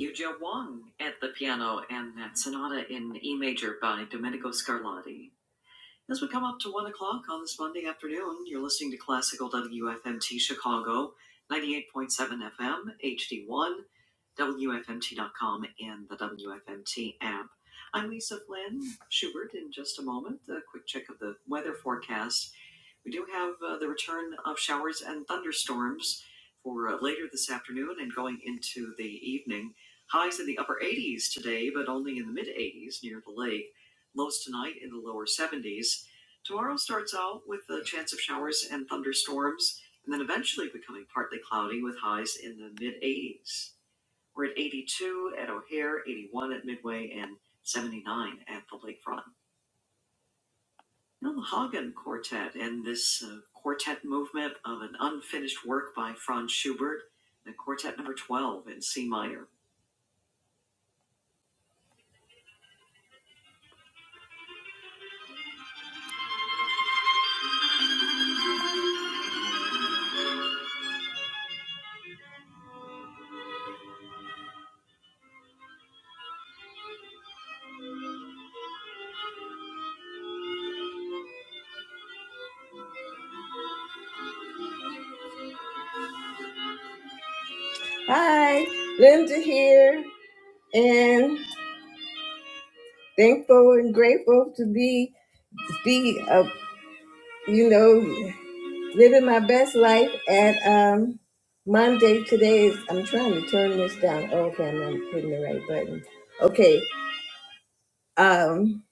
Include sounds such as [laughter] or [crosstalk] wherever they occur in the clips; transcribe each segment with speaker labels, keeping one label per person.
Speaker 1: Yuja Wang at the piano and that sonata in E major by Domenico Scarlatti. As we come up to one o'clock on this Monday afternoon, you're listening to classical WFMT Chicago, 98.7 FM, HD1, com, and the WFMT app. I'm Lisa Flynn Schubert. In just a moment, a quick check of the weather forecast. We do have uh, the return of showers and thunderstorms for uh, later this afternoon and going into the evening. Highs in the upper 80s today, but only in the mid 80s near the lake. Lows tonight in the lower 70s. Tomorrow starts out with a chance of showers and thunderstorms, and then eventually becoming partly cloudy with highs in the mid 80s. We're at 82 at O'Hare, 81 at Midway, and 79 at the lakefront. You Hagen Quartet and this uh, quartet movement of an unfinished work by Franz Schubert, the quartet number 12 in C minor. Hi, Linda here, and thankful and grateful to be, be uh, you know, living my best life at um, Monday. Today is, I'm trying to turn this down. Oh, okay, I'm not putting the right button. Okay, um,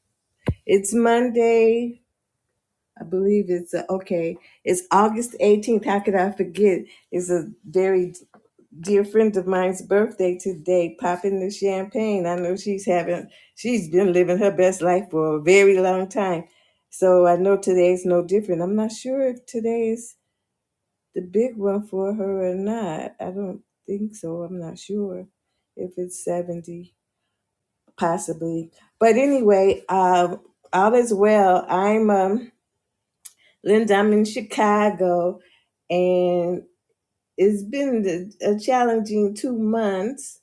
Speaker 1: it's Monday, I believe it's uh, okay. It's August 18th. How could I forget? It's a very dear friend of mine's birthday today. Popping the champagne. I know she's having. She's been living her best life for a very long time. So I know today's no different. I'm not sure if today is the big one for her or not. I don't think so. I'm not sure if it's 70, possibly. But anyway, uh, all is well. I'm um. Linda, I'm in Chicago, and it's been a challenging two months,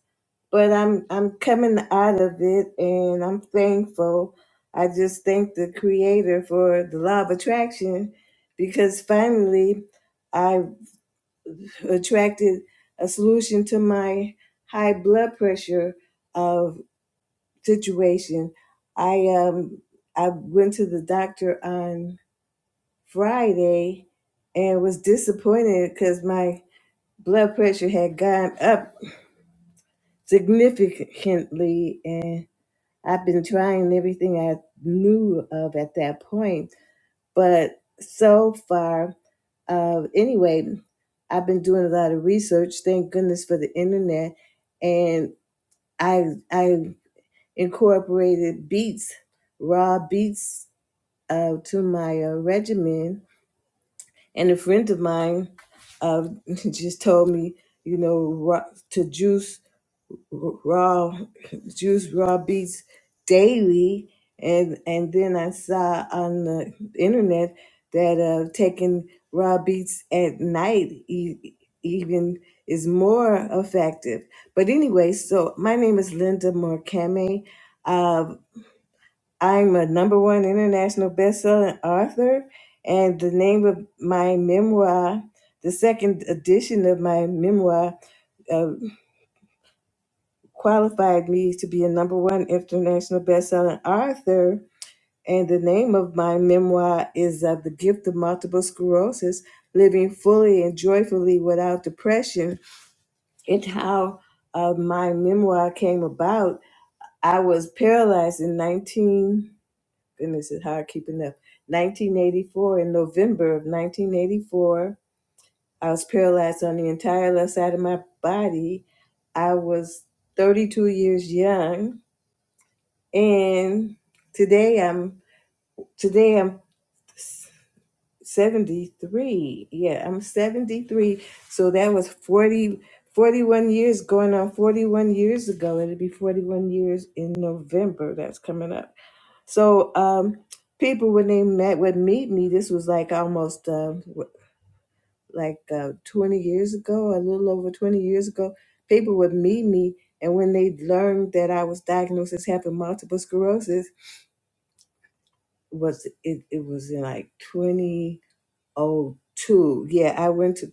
Speaker 1: but I'm I'm coming out of it, and I'm thankful. I just thank the Creator for the law of attraction, because finally, I attracted a solution to my high blood pressure uh, situation. I um I went to the doctor on. Friday and was disappointed because my blood pressure had gone up significantly and I've been trying everything I knew of at that point. But so far, uh, anyway, I've been doing a lot of research. Thank goodness for the internet, and I I incorporated beets, raw beets, uh, to my uh, regimen, And a friend of mine uh, [laughs] just told me, you know, raw, to juice raw [laughs] juice raw beets daily. And and then I saw on the internet that uh, taking raw beets at night e- even is more effective. But anyway, so my name is Linda Morkame. I'm a number one international best-selling author, and the name of my memoir, the second edition of my memoir, uh, qualified me to be a number one international best-selling author. And the name of my memoir is uh, The Gift of Multiple Sclerosis Living Fully and Joyfully Without Depression. It's how uh, my memoir came about. I was paralyzed in 19. goodness, it's hard keeping up. 1984, in November of 1984, I was paralyzed on the entire left side of my body. I was 32 years young, and today I'm today I'm 73. Yeah, I'm 73. So that was 40, 41 years going on 41 years ago. It'll be 41 years in November. That's coming up. So um, people, when they met would meet me, this was like almost uh, w- like uh, 20 years ago, a little over 20 years ago. People would meet me, and when they learned that I was diagnosed as having multiple sclerosis, was it, it was in like 2002. Yeah, I went to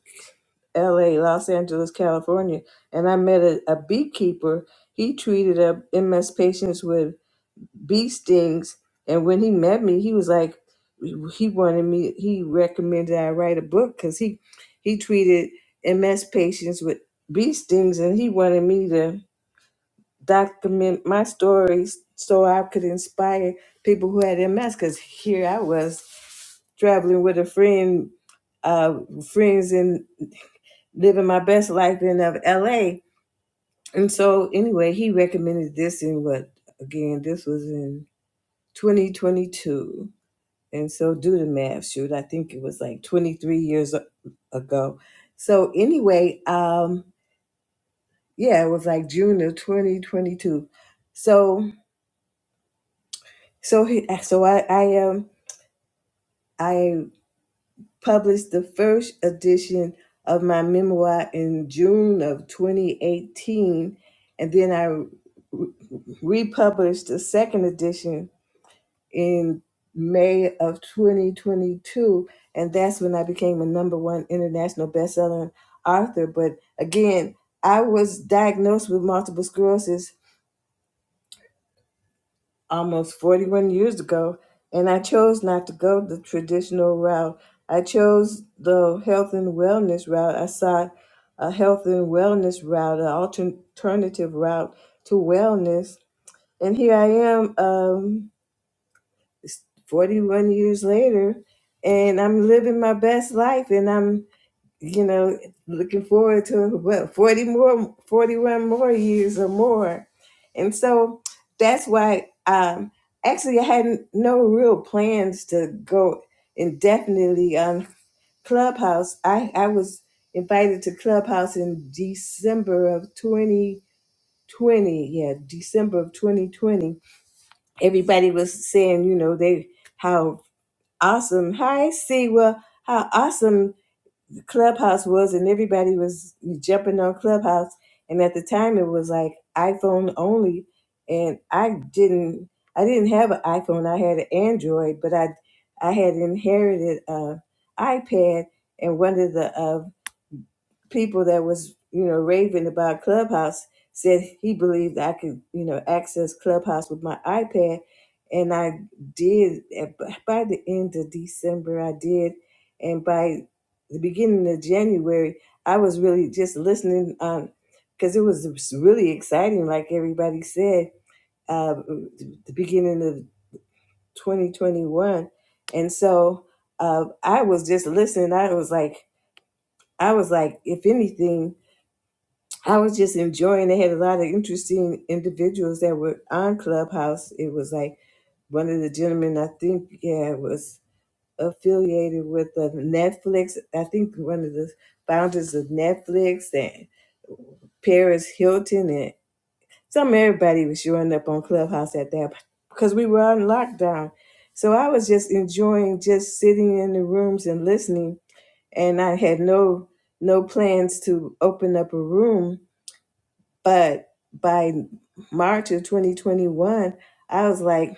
Speaker 1: L.A., Los Angeles, California, and I met a, a beekeeper. He treated uh, MS patients with bee stings. And when he met me, he was like, he wanted me, he recommended I write a book because he, he treated MS patients with bee stings and he wanted me to document my stories so I could inspire people who had MS because here I was traveling with a friend, uh, friends and living my best life in of LA. And so anyway, he recommended this in what, again, this was in 2022 and so do the math shoot. I think it was like 23 years a- ago. So anyway, um, yeah, it was like June of 2022. So so he, so I I um I published the first edition of my memoir in June of 2018, and then I re- republished the second edition in May of 2022, and that's when I became a number one international bestselling author. But again, I was diagnosed with multiple sclerosis almost 41 years ago, and I chose not to go the traditional route. I chose the health and wellness route. I sought a health and wellness route, an altern- alternative route to wellness. And here I am. Um, It's 41 years later, and I'm living my best life, and I'm, you know, looking forward to what 40 more, 41 more years or more. And so that's why, um, actually, I had no real plans to go indefinitely on Clubhouse. I, I was invited to Clubhouse in December of 2020. Yeah, December of 2020. Everybody was saying, you know, they, how awesome. Hi, Siwa. How awesome Clubhouse was, and everybody was jumping on Clubhouse. And at the time, it was like iPhone only, and I didn't, I didn't have an iPhone. I had an Android, but I, I had inherited a iPad, and one of the uh, people that was you know raving about clubhouse said he believed i could you know access clubhouse with my ipad and i did And b- by the end of december i did and by the beginning of january i was really just listening um because it was really exciting like everybody said uh the beginning of 2021 and so uh i was just listening i was like i was like if anything I was just enjoying. They had a lot of interesting individuals that were on Clubhouse. It was like one of the gentlemen, I think, yeah, was affiliated with uh, Netflix. I think one of the founders of Netflix and Paris Hilton and some everybody was showing up on Clubhouse at that because we were on lockdown. So I was just enjoying just sitting in the rooms and listening, and I had no no plans to open up a room but by March of 2021, I was like,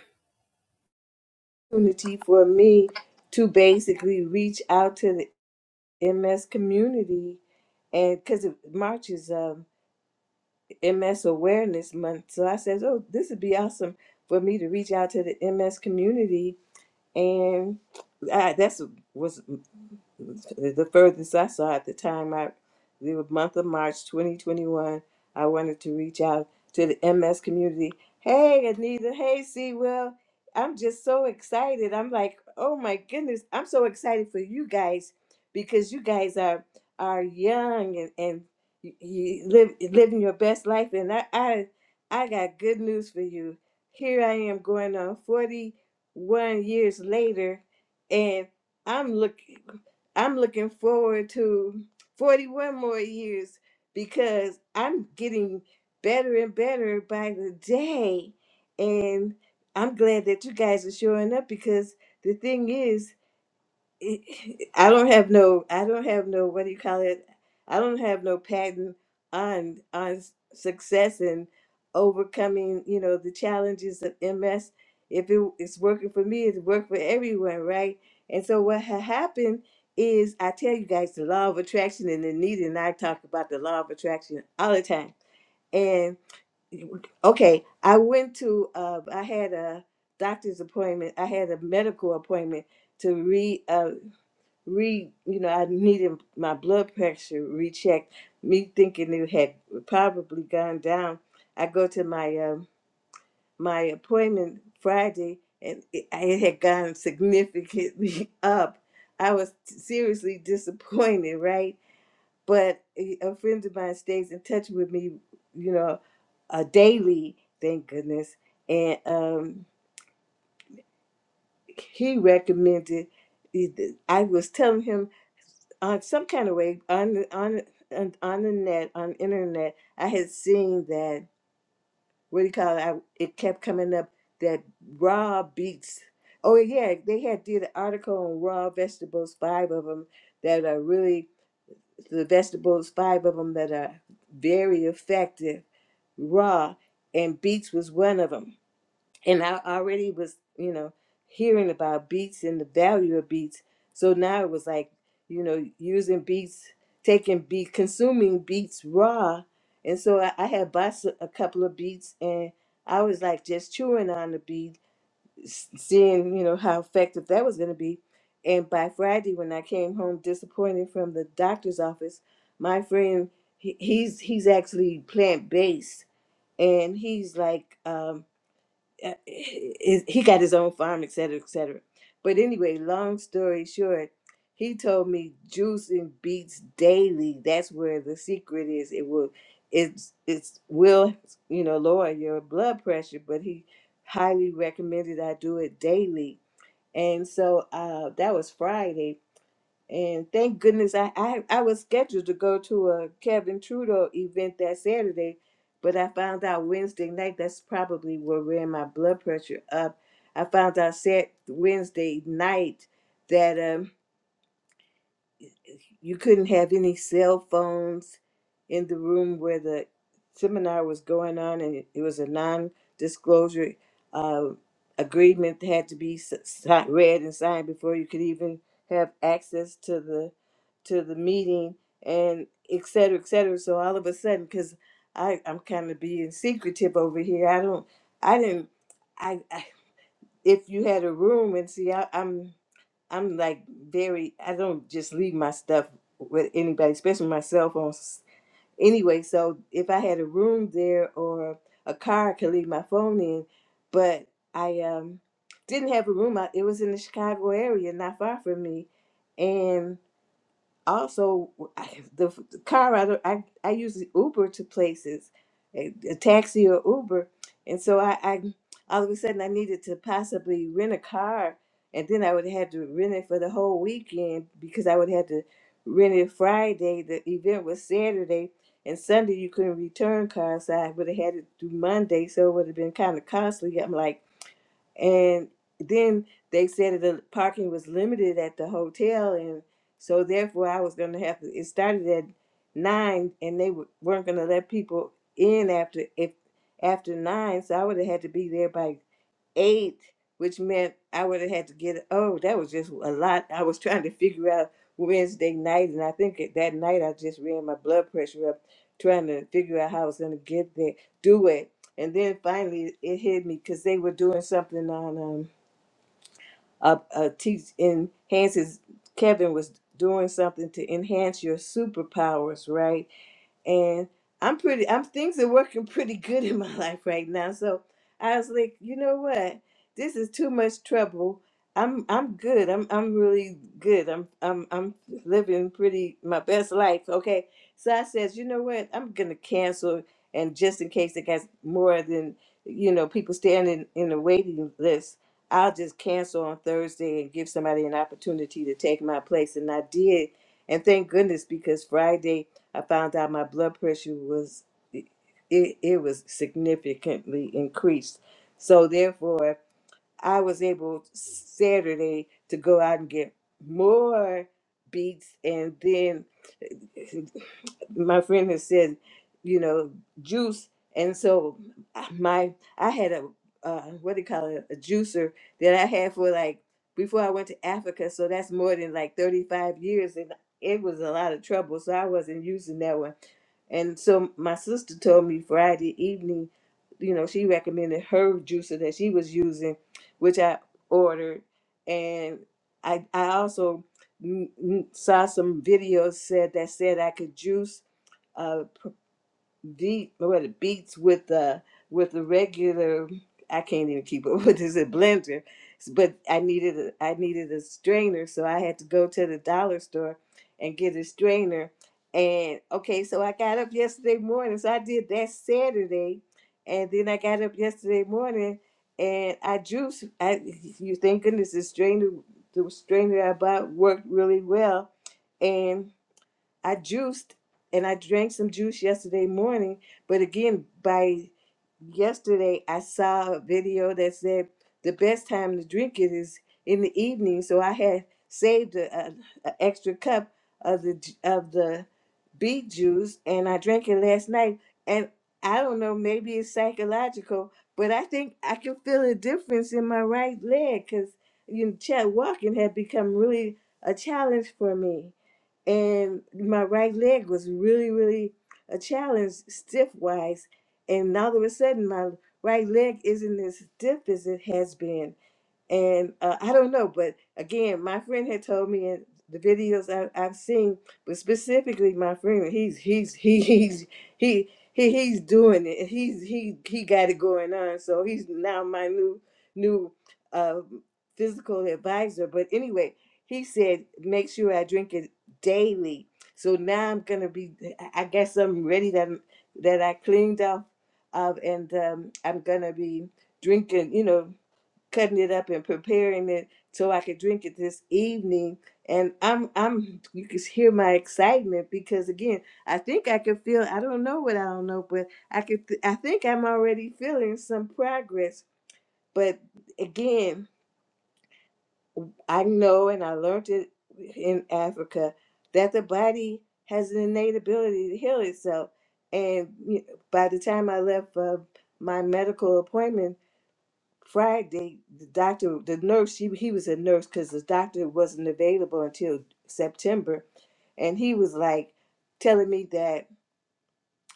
Speaker 1: opportunity for me to basically reach out to the MS community. And because March is um, MS Awareness Month. So I said, oh, this would be awesome for me to reach out to the MS community. And I, that's was the furthest I saw at the time, I, the month of March 2021, I wanted to reach out to the MS community. Hey, Anita. Hey, C. Will. I'm just so excited. I'm like, oh my goodness. I'm so excited for you guys because you guys are are young and, and you you live living your best life. And I, I I got good news for you. Here I am going on 41 years later, and I'm looking. I'm looking forward to 41 more years because I'm getting better and better by the day. And I'm glad that you guys are showing up because the thing is, I don't have no I don't have no what do you call it? I don't have no patent on on s- success and overcoming, you know, the challenges of MS. If it, it's working for me, it's worked for everyone, right? And so what ha- happened is I tell you guys the law of attraction and Anita and I talk about the law of attraction all the time. And okay, I went to uh, I had a doctor's appointment. I had a medical appointment to read re you know I needed my blood pressure rechecked. Me thinking it had probably gone down. I go to my um, my appointment Friday and it, it had gone significantly [laughs] up. I was seriously disappointed, right? But a a friend of mine stays in touch with me, you know, uh, daily. Thank goodness, and um, he recommended i was telling him on some kind of way on on on, on the net on internet i had seen that what do you call it I, it kept coming up that raw beets oh yeah they had did an article on raw vegetables five of them that are really the vegetables five of them that are very effective raw and beets was one of them and I already was, you know, hearing about beats and the value of beats. So now it was like, you know, using beats, taking beat, consuming beats raw. And so I, I had bought s- a couple of beats and I was like just chewing on the beat, s- seeing, you know, how effective that was going to be. And by Friday, when I came home disappointed from the doctor's office, my friend, he, he's he's actually plant based, and he's like, um, uh, is he got his own farm, et cetera, et cetera. But anyway, long story short, he told me juicing beets daily. That's where the secret is. It will, it's it's will you know lower your blood pressure. But he highly recommended I do it daily, and so uh, that was Friday and thank goodness I, I, I was scheduled to go to a Kevin Trudeau event that Saturday, but I found out Wednesday night that's probably what ran my blood pressure up. I found out Sat Wednesday night that um, you couldn't have any cell phones in the room where the seminar was going on, and it it was a non-disclosure uh, agreement that had to be s- si- read and signed before you could even have access to the to the meeting, and et cetera, et cetera. So all of a sudden, because I'm kind of being secretive over here, I don't, I didn't. I, if you had a room and see I, i'm i'm like very i don't just leave my stuff with anybody especially my cell phone s- anyway so if i had a room there or a car i could leave my phone in but i um didn't have a room I, it was in the chicago area not far from me and also I, the, the car I, don't- I I use the Uber to places, a, a taxi or Uber, and so I, I all of a sudden I needed to possibly rent a car, and then I would have to rent it for the whole weekend because I would have to rent it Friday. The event was Saturday, and Sunday you couldn't return cars, so I would have had it through Monday, so it would have been kind of costly. I'm like. And then they said that the parking was limited at the hotel, and so therefore I was going to have to. It started at nine, and they w- weren't going to let people in after if after nine, so I would have had to be there by eight, which meant I would have had to get. Oh, that was just a lot. I was [laughs] trying to figure out Wednesday night, and I think at that night I just ran my blood pressure up, trying to figure out how I was going to get there, do it, and then finally it hit me because they were doing something on um a, a teach enhances. Kevin was doing something to enhance your superpowers, right? and I'm pretty. I'm things are working [laughs] pretty good in my [laughs] life right now. So I was like, you know what? This is too much trouble. I'm I'm good. I'm I'm really good. I'm I'm I'm living pretty my best life. Okay. So I says, you know what? I'm gonna cancel, and just in case it gets more than you know people standing in the waiting list, I'll just cancel on Thursday and give somebody an opportunity to take my place. And I did, and thank goodness because Friday I found out my blood pressure was it, it was significantly increased. So therefore, I was able Saturday to go out and get more beats. And then eh, my friend has said, you know, juice. And so ah, my I had a uh, what do you call it a juicer that I had for like before I went to Africa. So that's more than like thirty five years, and it was a lot of trouble. So I wasn't using that one. And so my sister told me Friday evening, you know, she recommended her juicer that she was using which I ordered, and I I also mm, mm, saw some videos said that said I could juice. uh, deep what it beats with the with the regular I can't even keep up [laughs] with this a blender. But I needed a, I needed a strainer, so I had to go to the dollar store and get a strainer. And okay, so I got up yesterday morning, so I did that Saturday, and then I got up yesterday morning and I juice. I you thank goodness the strainer the strainer I bought worked really well, and I juiced and I drank some juice yesterday morning, but again, by yesterday I saw a video that said the best time to drink it is in the evening. So I had saved a, a, a extra cup of the ju- of the beet juice, and I drank it last night. And I don't know, maybe it's psychological, but I think I can feel a difference in my right leg because you know, cha- walking had become really a challenge for me and my right leg was really really a challenge stiff wise and all of a sudden my right leg isn't as stiff as it has been and uh, I don't know, but again, my friend had told me in the videos I, I've seen, but specifically my friend, he's he's he, [laughs] he's he he he's doing it. He's he he got it going on, so he's now my new new uh, physical advisor. But anyway, he said make sure I drink it daily. So now I'm gonna be. I I got something ready that that I cleaned off of, and um, I'm gonna be drinking. You know cutting it up and preparing it so I could drink it this evening. And I'm I'm you can hear my excitement because again, I think I can feel I don't know what I don't know, but I could I think I'm already feeling some progress. But again, I know and I learned it in Africa that the body has an innate ability to heal itself. And you know, by the time I left uh, my medical appointment, Friday, the doctor, the nurse, he, he was a nurse because the doctor wasn't available until September. And he was like telling me that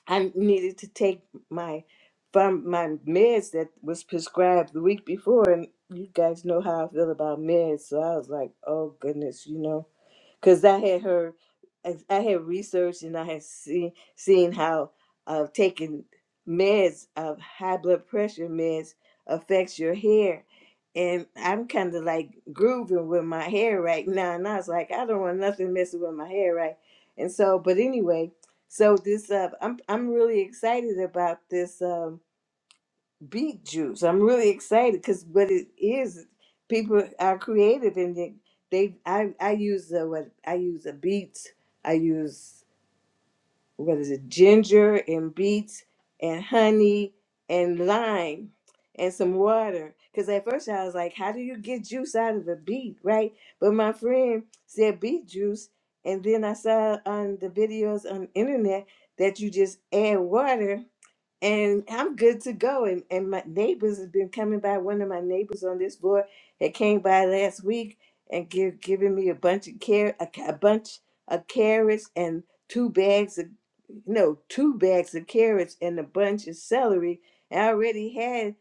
Speaker 1: I needed to take my from my meds that was prescribed the week before. And you guys know how I feel about meds. So I was like, oh goodness, you know because I had her, I had researched and I had seen seen how uh, taking meds of high blood pressure meds affects your hair, and I'm kind of like grooving with my hair right now, and I was like, I don't want nothing messing with my hair, right? And so, but anyway, so this uh, I'm I'm really excited about this. Um, beet juice. I'm really excited because what it is, people are creative and they, they I, I use the what I use a beets. I use what is it, ginger and beets and honey and lime and some water. Because at first I was like, how do you get juice out of a beet, right? But my friend said beet juice, and then I saw on the videos on internet that you just add water and I'm good to go. And and my neighbors have been coming by. One of my neighbors on this floor had came by last week and give giving me a bunch of car a, ca- a bunch of carrots and two bags of no two bags of carrots and a bunch of celery. And I already had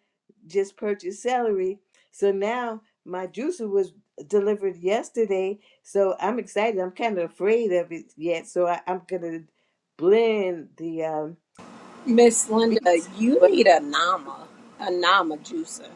Speaker 1: just purchased celery, so now my juicer was delivered yesterday. So I'm excited. I'm kind of afraid of it yet. So I, I'm gonna blend the um,
Speaker 2: Miss Linda,
Speaker 1: beets.
Speaker 2: you need a Nama, a Nama juicer.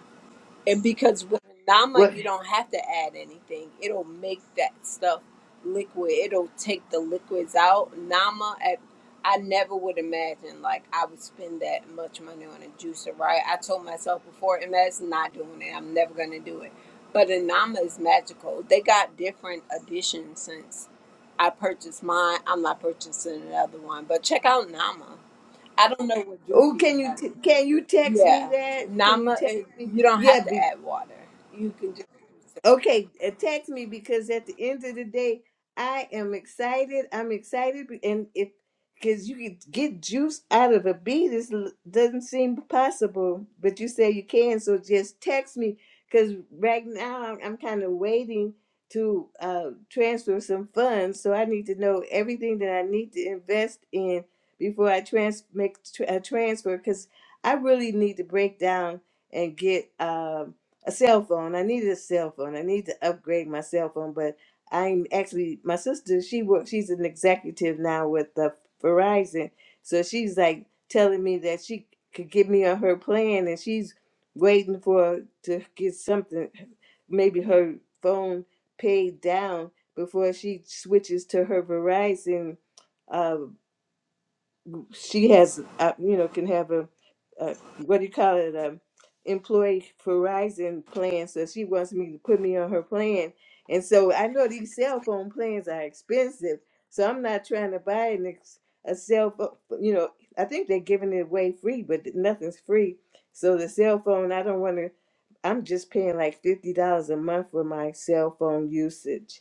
Speaker 2: And because with Nama,
Speaker 1: What?
Speaker 2: you don't have to add anything. It'll make that stuff liquid. It'll take the liquids out. Nama, I, I never would imagine like I would spend that much money on a juicer, right? I told myself before, and that's not doing it. I'm never gonna do it. But a Nama is magical. They got different additions since I purchased mine. I'm not purchasing another one, but check out Nama. I don't know what juice
Speaker 1: Oh,
Speaker 2: you
Speaker 1: can you
Speaker 2: have.
Speaker 1: t- can you text me
Speaker 2: Yeah,
Speaker 1: that? Can you
Speaker 2: Nama,
Speaker 1: text
Speaker 2: eh,
Speaker 1: me?
Speaker 2: you don't have
Speaker 1: Yeah,
Speaker 2: to
Speaker 1: be-
Speaker 2: add water. You can just.
Speaker 1: Okay, uh, text me because at the end of the day, I am excited. I'm excited, be- and if because you can get juice out of a beat, it doesn't seem possible, but you say you can. So just text me because right now I'm, I'm kind of waiting to uh, transfer some funds, so I need to know everything that I need to invest in before I trans make tr- a transfer because I really need to break down and get. Um, a cell phone. I needed a cell phone. I need to upgrade my cell phone, but I'm actually my sister. She works. She's an executive now with the Verizon, so she's like telling me that she could give me on her plan, and she's waiting for to get something, maybe her phone paid down before she switches to her Verizon uh, she has, uh, you know, can have a, a what do you call it, a employee Verizon plan. So she wants me to put me on her plan, and so I know these cell phone plans are expensive. So I'm not trying to buy an ex, a cell phone. You know, I think they're giving it away free, but nothing's free. So the cell phone, I don't want to. I'm just paying like fifty dollars a month for my cell phone usage.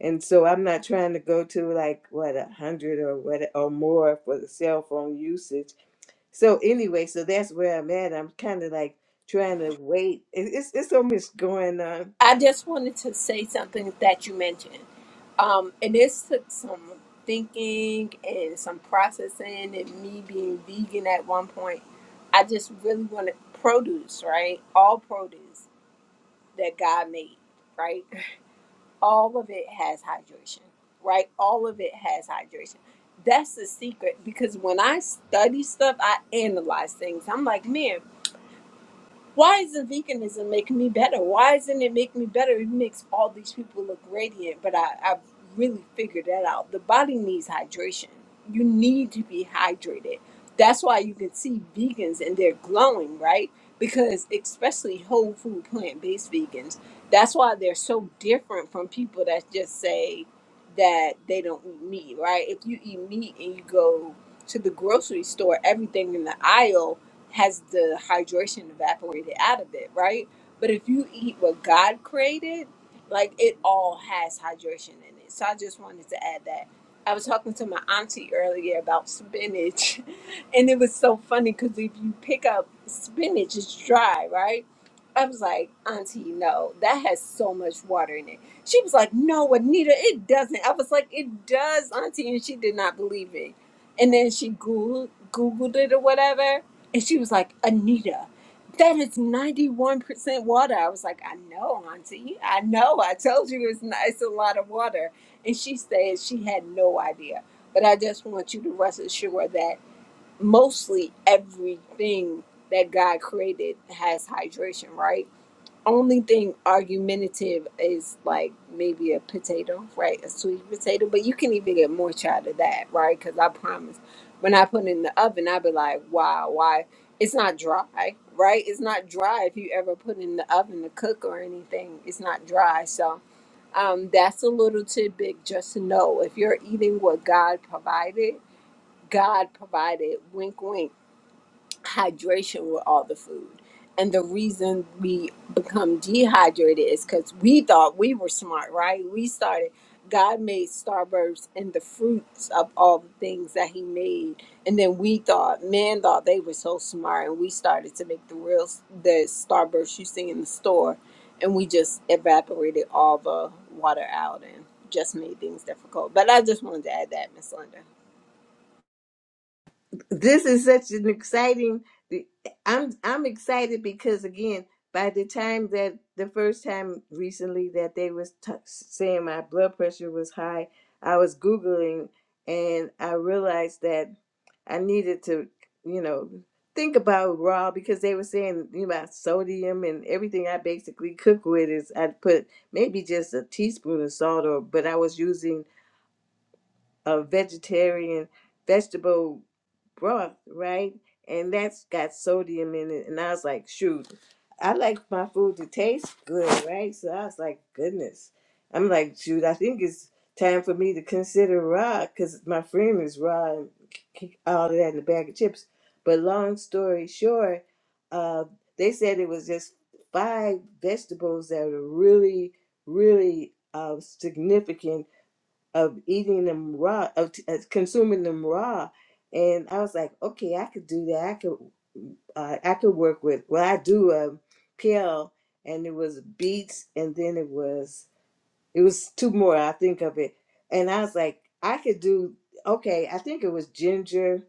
Speaker 1: And so I'm not trying to go to like what a hundred or what or more for the cell phone usage. So anyway, so that's where I'm at. I'm kind of like trying to wait. It- It's it's so much going on
Speaker 2: I just wanted to say something that you mentioned, um, and this took some thinking and some processing, and me being vegan at one point. I just really wanted produce, right? All produce that God made, right? All of it has hydration, right? All of it has hydration. That's the secret because when I study stuff, I analyze things. I'm like, man Why isn't veganism making me better? Why isn't it making me better? It makes all these people look radiant, but I, I really figured that out. The body needs hydration. You need to be hydrated. That's why you can see vegans and they're glowing, right? Because especially whole food plant based vegans, that's why they're so different from people that just say that they don't eat meat, right? If you eat meat and you go to the grocery store, everything in the aisle has the hydration evaporated out of it, right? But if you eat what God created, like it all has hydration in it. So I just wanted to add that. I was talking to my auntie earlier about spinach, [laughs] and it was so funny because if you pick up spinach, it's dry, right? I was like, Auntie, no, that has so much water in it. She was like, No, Anita, it doesn't. I was like, It does, Auntie, and she did not believe me. And then she Googled, Googled it or whatever, and she was like, Anita, that is 91% water. I was like, I know, Auntie. I know. I told you it's, not, it's a lot of water. And she said she had no idea. But I just want you to rest assured that mostly everything that God created has hydration, right? only thing argumentative is like maybe a potato, right? A sweet potato, but you can even get more out of that, right? Because I promise, when I put it in the oven, i be like, wow, why? It's not dry, right? It's not dry if you ever put it in the oven to cook or anything. It's not dry, so um, that's a little tidbit just to know if you're eating what God provided. God provided, wink, wink hydration with all the food. And the reason we become dehydrated is because we thought we were smart, right? We started, God made starbursts and the fruits of all the things that He made. And then we thought, man thought they were so smart. And we started to make the real, the starbursts you see in the store. And we just evaporated all the water out and just made things difficult. But I just wanted to add that, Miss Linda.
Speaker 1: this is such an exciting i'm i'm excited because again by the time that the first time recently that they was t- saying my blood pressure was high i was googling and i realized that i needed to you know think about raw because they were saying you know about sodium and everything i basically cook with is i put maybe just a teaspoon of salt or but i was using a vegetarian vegetable broth, right? And that's got sodium in it. And I was like, shoot, I like my food to taste good, right? So I was like, goodness. I'm like, shoot, I think it's time for me to consider raw because my friend is raw and kick all of that in a bag of chips. But long story short, uh, they said it was just five vegetables that were really, really uh, significant of eating them raw, of t- uh, consuming them raw. And I was like, okay, I could do that. I could, uh, I could work with. Well, I do a pill, and it was beets, and then it was it was two more. I think of it, and I was like, I could do okay. I think it was ginger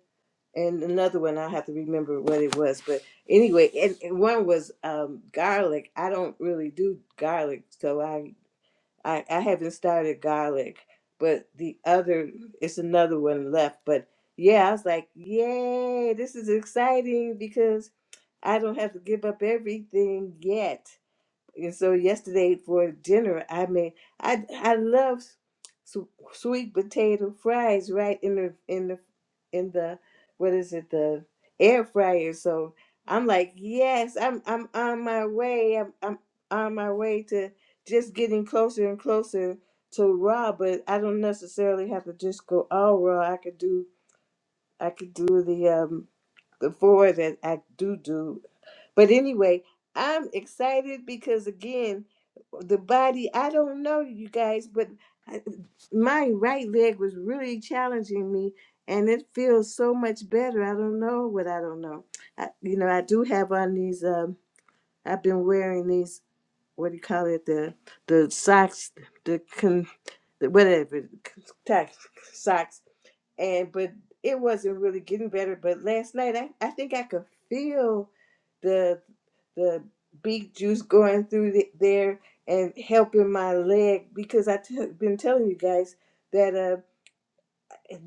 Speaker 1: and another one. I have to remember what it was, but anyway, and, and one was um, garlic. I don't really do garlic, so I I, I haven't started garlic, but the other it's another one left. But yeah, I was like, yay, this is exciting because I don't have to give up everything yet. And so yesterday for dinner, I made I I love su- sweet potato fries right in the in the in the what is it the air fryer. So I'm like, yes, I'm I'm on my way. I'm I'm on my way to just getting closer and closer to raw. But I don't necessarily have to just go all raw. I could do I could do the um the four that I do do but anyway, I'm excited because again, the body, I don't know you guys, but I- my right leg was really challenging me and it feels so much better. I don't know what I don't know. I, you know, I do have on these um I've been wearing these what do you call it the the socks the con the whatever socks and but it wasn't really getting better. But last night, I, I think I could feel the the beet juice going through the, there and helping my leg because I t- been telling you guys that uh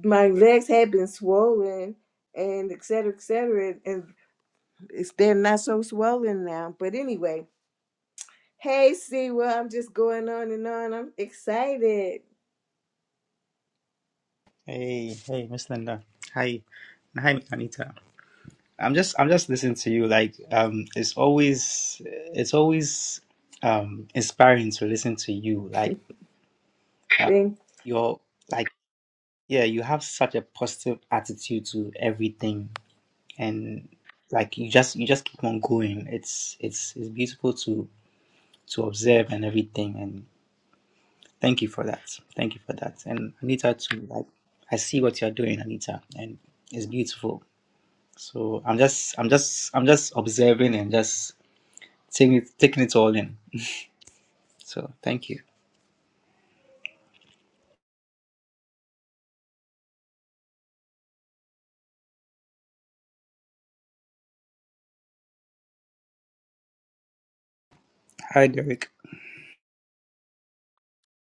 Speaker 1: my legs had been swollen and et cetera, et cetera, and it's, they're not so swollen now. But anyway, hey, see, well, I'm just going on and on. I'm excited.
Speaker 3: Hey, hey, Miss Linda. Hi, and hi, Anita. I'm just, I'm just listening to you. Like, um, it's always, it's always, um, inspiring to listen to you. Like, uh, you're, like, yeah, you have such a positive attitude to everything, and like, you just, you just keep on going. It's, it's, it's beautiful to to observe and everything. And thank you for that. Thank you for that. And Anita too. Like, I see what you're doing, Anita, and it's beautiful So I'm just I'm just I'm just observing and just taking it taking it all in. So thank you. Hi Derek.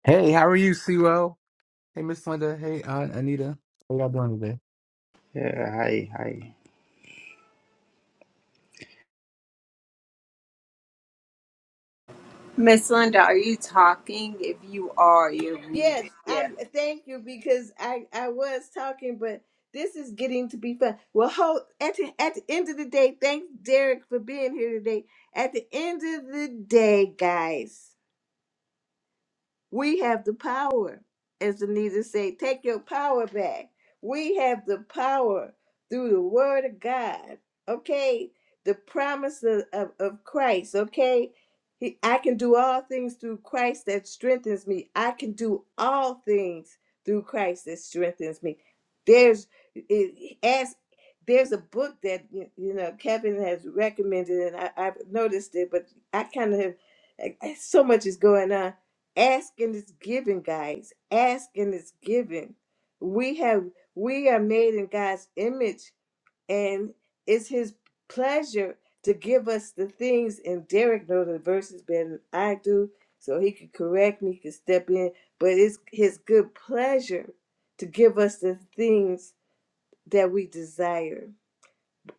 Speaker 4: Hey, how are you, Sewell? Hey, Miss Linda. Hey, uh, Anita. How y'all doing today?
Speaker 3: Yeah, hi, hi.
Speaker 2: Miss Linda, are you talking? If you are, you're
Speaker 1: Yes,
Speaker 2: muted. Yeah.
Speaker 1: um, thank you because I I was talking, but this is getting to be fun. Well, hold at the, at the end of the day, thanks Derek for being here today. At the end of the day, guys. We have the power, as the Anita said, take your power back. We have the power through the word of God, okay? The promise of, of, of Christ, okay? He, I can do all things through Christ that strengthens me. I can do all things through Christ that strengthens me. There's it, as there's a book that you you know Kevin has recommended, and I, I've noticed it, but I kind of have I- I- so much is going on asking is given guys asking is given we have we are made in god's image and it's his pleasure to give us the things and derek knows the verses better than i do so he could correct me he could step in but it's his good pleasure to give us the things that we desire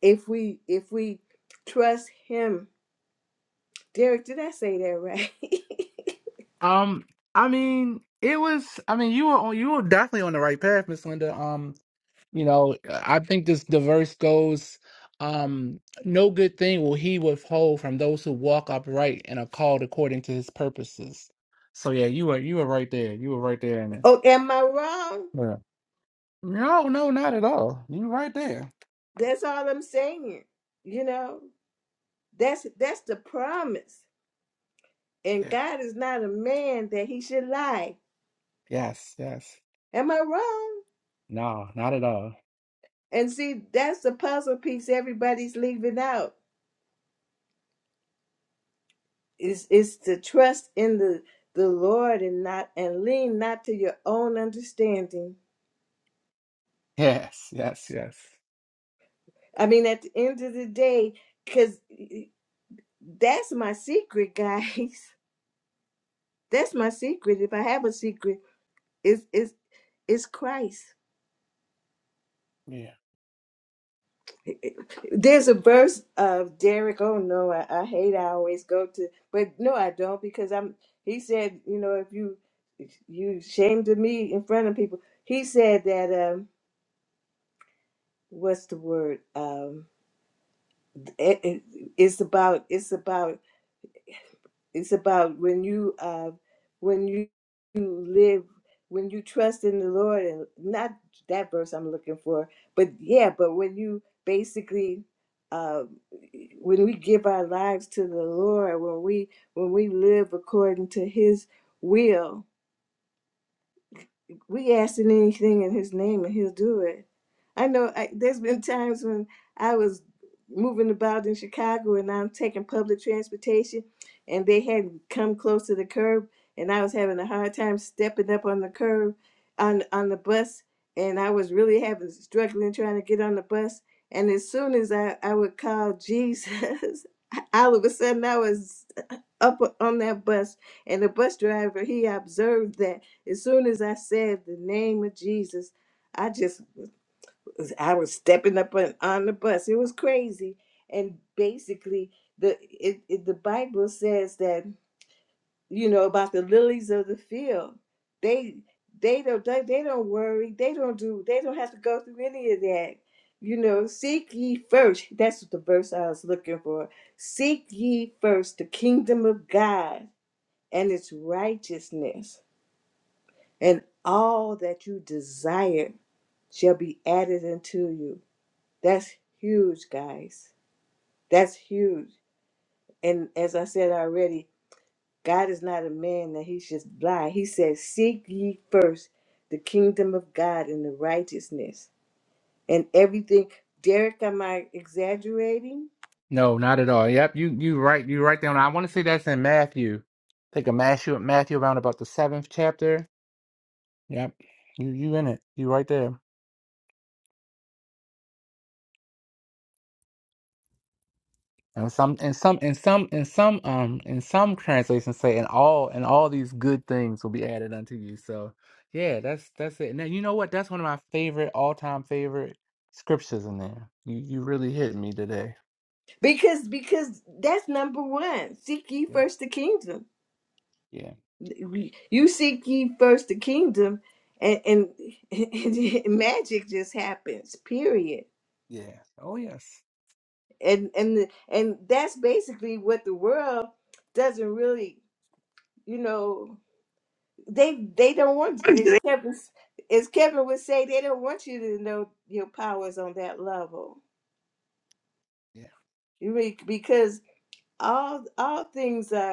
Speaker 1: if we if we trust him derek did i say that right
Speaker 4: Um, I mean, it was. I mean, you were on. You were definitely on the right path, Miss Linda. Um, you know, I think this diverse goes. Um, no good thing will he withhold from those who walk upright and are called according to his purposes. So yeah, you were you were right there. You were right there in it.
Speaker 1: [laughs] oh am i wrong
Speaker 4: Yeah. No, no, not at all. You were right there.
Speaker 1: That's all I'm saying. You know, that's that's the promise. And
Speaker 4: Yeah.
Speaker 1: God is not a man that he should lie.
Speaker 4: Yes. Yes.
Speaker 1: Am I wrong?
Speaker 4: No, not at all.
Speaker 1: And see, that's the puzzle piece everybody's leaving out. Is is to trust in the the Lord and not and lean not to your own understanding.
Speaker 4: Yes. Yes. Yes.
Speaker 1: I mean, at the end of the day, because that's my secret, guys. [laughs] That's my secret. If I have a secret, it's it's it's Christ
Speaker 4: Yeah.
Speaker 1: There's a verse of Derek. Oh no, I, I hate. I always go to, but no, I don't because I'm. He said, you know, if you if you shamed of me in front of people, he said that. um What's the word? Um, it, it, it's about. It's about. it's about when you uh when you you live when you trust in the lord and not that verse i'm looking for but yeah but when you basically uh when we give our lives to the lord when we when we live according to his will we ask him anything in his name and he'll do it. I know I, there's been times when I was moving about in Chicago and I'm taking public transportation and they had come close to the curb and I was having a hard time stepping up on the curb on on the bus and I was really having struggling trying to get on the bus and as soon as I, I would call Jesus [laughs] all of a sudden I was up on that bus and the bus driver he observed that as soon as I said the name of Jesus, I just I was stepping up on, on the bus. It was crazy. And basically the it, it the Bible says that, you know, about the lilies of the field. They they don't they, they don't worry. They don't do they don't have to go through any of that. You know, seek ye first. That's the verse I was looking for. Seek ye first the kingdom of God and its righteousness and all that you desire shall be added unto you. That's huge, guys. That's huge. And as I said already, God is not a man that he should lie. He says, Seek ye first the kingdom of God and the righteousness and everything. Derek, am I exaggerating?
Speaker 4: No, not at all. Yep, you you right you right down. I want to say that's in Matthew. I think of Matthew Matthew around about the seventh chapter. Yep. You you in it. You right there. And some and some and some and some um and some translations say and all and all these good things will be added unto you. So yeah, that's that's it. Now you know what? That's one of my favorite all time favorite scriptures in there. You you really hit me today.
Speaker 1: Because because that's number one. Seek ye
Speaker 4: Yeah.
Speaker 1: first the kingdom.
Speaker 4: Yeah.
Speaker 1: You seek ye first the kingdom, and, and, [laughs] and magic just happens. Period.
Speaker 4: Yeah. Oh yes.
Speaker 1: And and and that's basically what the world doesn't really, you know, they they don't want.
Speaker 4: [clears throat] I'm
Speaker 1: As
Speaker 4: good.
Speaker 1: Kevin, as Kevin would say, they don't want you to know your powers on that level.
Speaker 4: Yeah.
Speaker 1: You really- because all all things are.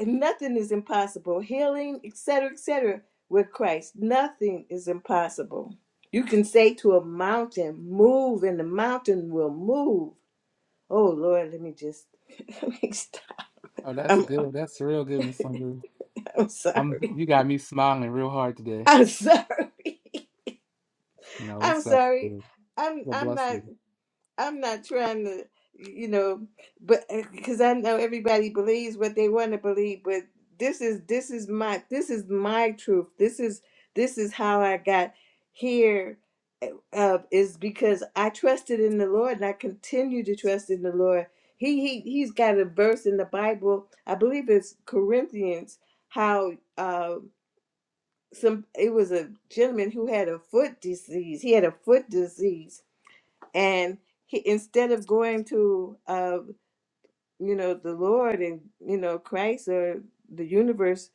Speaker 1: nothing is impossible. Healing, etc., etc. With Christ, nothing is impossible. You can say to a mountain, "Move," and the mountain will move. Oh Lord, let me just. [laughs] Let me stop.
Speaker 4: Oh, that's
Speaker 1: I'm,
Speaker 4: good. That's real good, Miss Sandra.
Speaker 1: I'm
Speaker 4: I'm
Speaker 1: sorry.
Speaker 4: you got me smiling real hard today.
Speaker 1: I'm sorry.
Speaker 4: No,
Speaker 1: I'm
Speaker 4: it's a,
Speaker 1: sorry.
Speaker 4: it's
Speaker 1: I'm
Speaker 4: a
Speaker 1: I'm not.
Speaker 4: blessing.
Speaker 1: I'm not trying to, you know, but because I know everybody believes what they want to believe, but this is this is my this is my truth. This is this is how I got here. Uh, is because I trusted in the Lord and I continue to trust in the Lord. He he he's got a verse in the Bible. I believe it's Corinthians. How uh, some it was a gentleman who had a foot disease. He had a foot disease and he instead of going to uh you know the lord and you know christ or the universe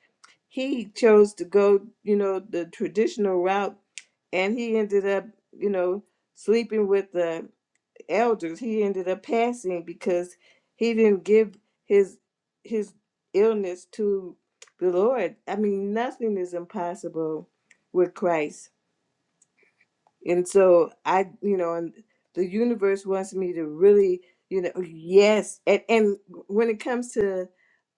Speaker 1: he chose to go you know the traditional route and he ended up you know sleeping with the elders he ended up passing because he didn't give his his illness to the lord i mean nothing is impossible with christ and so i you know and the universe wants me to really you know yes and and when it comes to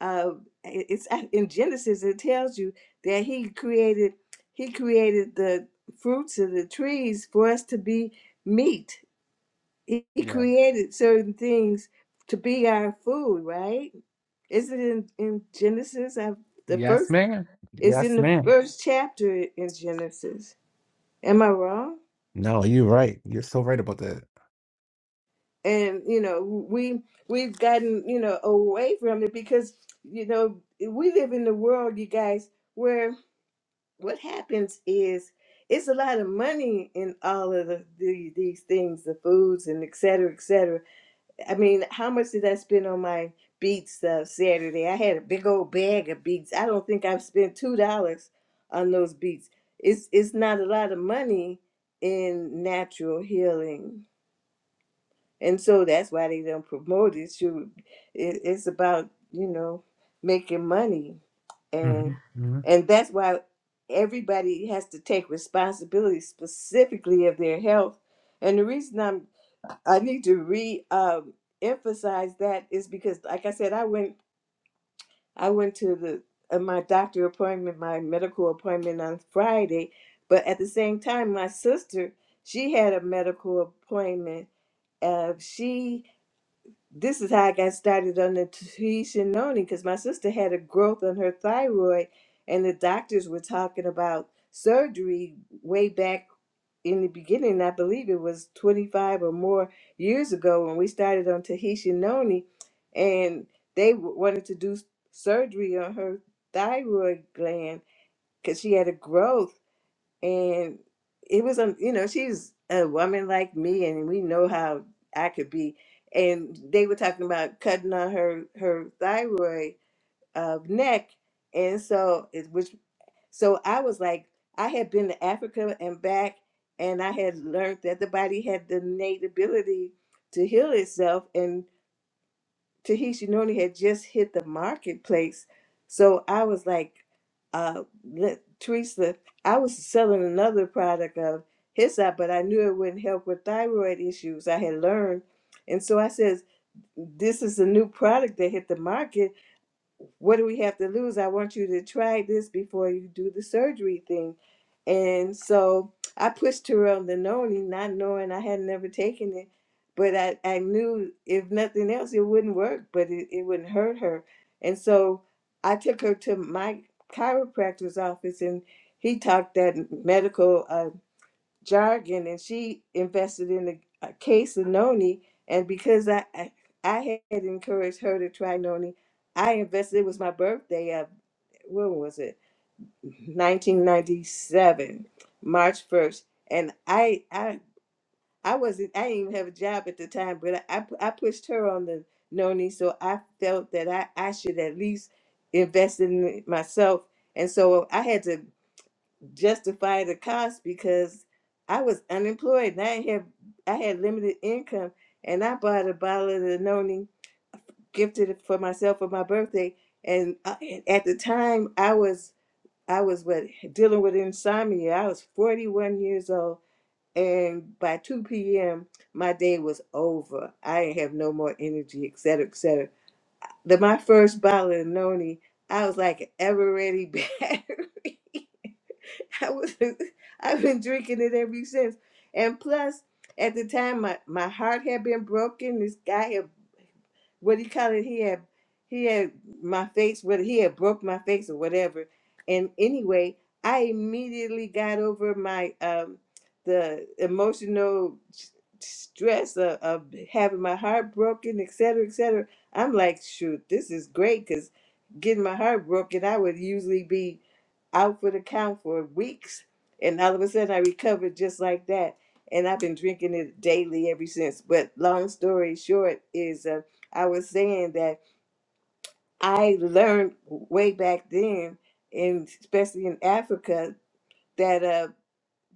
Speaker 1: uh it- it's at- in genesis it tells you that he created he created the fruits of the trees for us to be meat he, he
Speaker 4: Yeah.
Speaker 1: created certain things to be our food right is it in in genesis i the
Speaker 4: Yes,
Speaker 1: first
Speaker 4: man.
Speaker 1: it's in
Speaker 4: Yes,
Speaker 1: the
Speaker 4: man.
Speaker 1: first chapter in genesis am i wrong
Speaker 4: No, you're right. You're so right about that.
Speaker 1: and you know we we've gotten you know away from it because you know we live in the world you guys where what happens is it's a lot of money in all of the, the these things the foods and et cetera et cetera i mean how much did i spend on my beets uh, saturday i had a big old bag of beets i don't think i've spent two dollars on those beets it's it's not a lot of money in natural healing and so that's why they don't promote it. You, it, it's about you know making money,
Speaker 4: hmm
Speaker 1: and
Speaker 4: All
Speaker 1: and that's why everybody has to take responsibility specifically of their health. And the reason I'm I need to re um, emphasize that is because, like I said, I went I went to the uh, my doctor appointment, my medical appointment on Friday, but at the same time, my sister she had a medical appointment. Uh, she this is how I got started on the Tishanoni because my sister had a growth on her thyroid, and the doctors were talking about surgery way back in the beginning. I believe it was 25 or more years ago when we started on Tahishinoni, and they w- wanted to do s- surgery on her thyroid gland because she had a growth and it was um you know she's a woman like me and we know how i could be and they were talking about cutting on her her thyroid uh, neck and so it which so i was like i had been to africa and back and i had learned that the body had the innate ability to heal itself Tahishi Noni had just hit the marketplace. So I was like, uh, let- Teresa, I was selling another product of his out, but I knew it wouldn't help with thyroid issues I had learned. And so I says, this is a new product that hit the market what do we have to lose? I want you to try this before you do the surgery thing. And so I pushed her on the noni, not knowing I had never taken it. But I, I knew if nothing else, it wouldn't work, but it, it wouldn't hurt her. And so I took her to my chiropractor's office, and he talked that medical. uh, jargon and she invested in a, a case of noni and because I, I i had encouraged her to try noni i invested it was my birthday of when was it 1997 march 1st and i i i wasn't i didn't even have a job at the time but i i, I pushed her on the noni so i felt that i i should at least invest in myself and so i had to justify the cost because I was unemployed and I had I had limited income and I bought a bottle of Danone gifted it for myself for my birthday and I, at the time I was I was what dealing with insomnia. I was 41 years old and by 2 p.m. my day was over. I didn't have no more energy, et cetera, et cetera. The, my first bottle of Noni, I was like an ever ready [laughs] battery. [laughs] I was I've been drinking it ever since. And plus, at the time, my, my heart had been broken. This guy had what he called it, he had he had my face, whether he had broke my face or whatever. And anyway, I immediately got over my um the emotional s- stress of, of having my heart broken, et cetera, et cetera. I'm like, shoot, this is great because getting my heart broken, I would usually be out for the count for weeks. And all of a sudden, I recovered just like that. And I've been drinking it daily ever since. But long story short is um, I was saying that I learned way back then, and especially in Africa, that uh,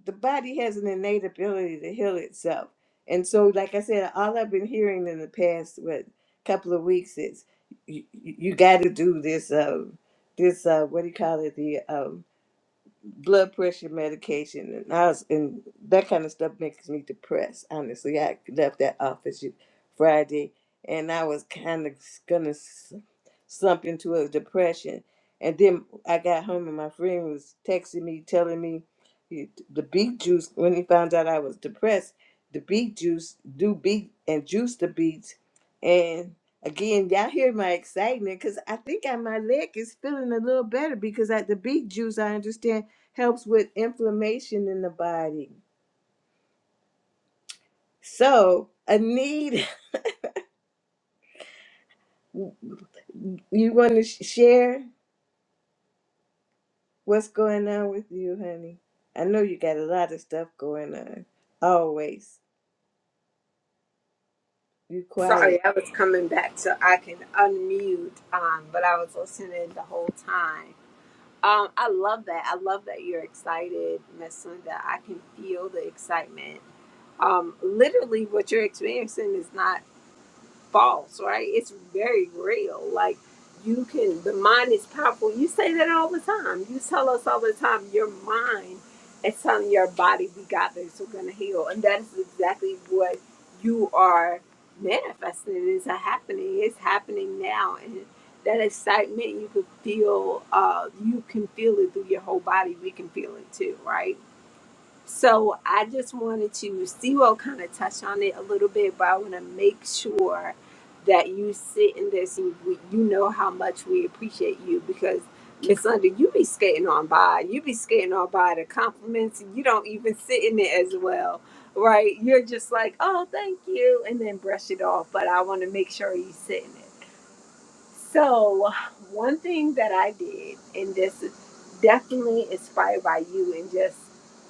Speaker 1: the body has an innate ability to heal itself. And so, like I said, all I've been hearing in the past what couple of weeks is you, you got to do this. Uh, this uh, what do you call it? The um, blood pressure medication and I was, and that kind of stuff makes me depressed. Honestly, I left that office Friday and I was kind of gonna slump into a depression. And then I got home and my friend was texting me, telling me he- the beet juice, when he found out I was depressed, the beet juice, do beet and juice the beets. And again, y'all hear my excitement because I think I, my leg is feeling a little better because I, the beet juice, I understand, helps with inflammation in the body. So, Anita, [laughs] you want to share? What's going on with you, honey? I know you got a lot of stuff going on. Always. You
Speaker 2: Sorry,
Speaker 1: quiet.
Speaker 2: I was coming back so I can unmute, um, but I was listening the whole time. Um, I love that. I love that you're excited, Miss Linda. I can feel the excitement. Um, literally, what you're experiencing is not false, right? It's very real. Like you can, the mind is powerful. You say that all the time. You tell us all the time your mind is telling your body we got this, we're gonna heal, and that is exactly what you are manifesting. It is a happening. It's happening now, and that excitement you can feel. Uh, you can feel it through your whole body. We can feel it too, right? So I just wanted to, Siro kind of touched on it a little bit, but I want to make sure that you sit in this and we, you know how much we appreciate you because Miss Linda, you be skating on by, you be skating on by the compliments, and you don't even sit in it as well, right? You're just like, oh, thank you, and then brush it off. But I want to make sure you sit in it. So, one thing that I did, and this is definitely inspired by you, and just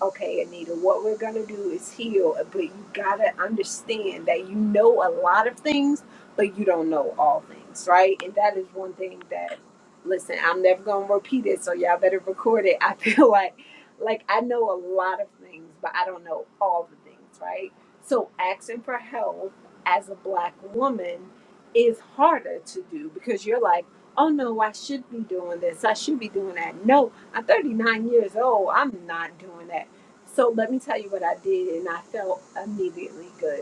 Speaker 2: okay, Anita, what we're gonna do is heal, but you gotta understand that you know a lot of things, but you don't know all things, right? And that is one thing that, listen, I'm never gonna repeat it, so y'all better record it. [laughs] I feel like, like I know a lot of things, but I don't know all the things, right? So, asking for help as a black woman is harder to do because you're like, oh no, I should be doing this. I should be doing that. No, I'm 39 years old. I'm not doing that. So let me tell you what I did, and I felt immediately good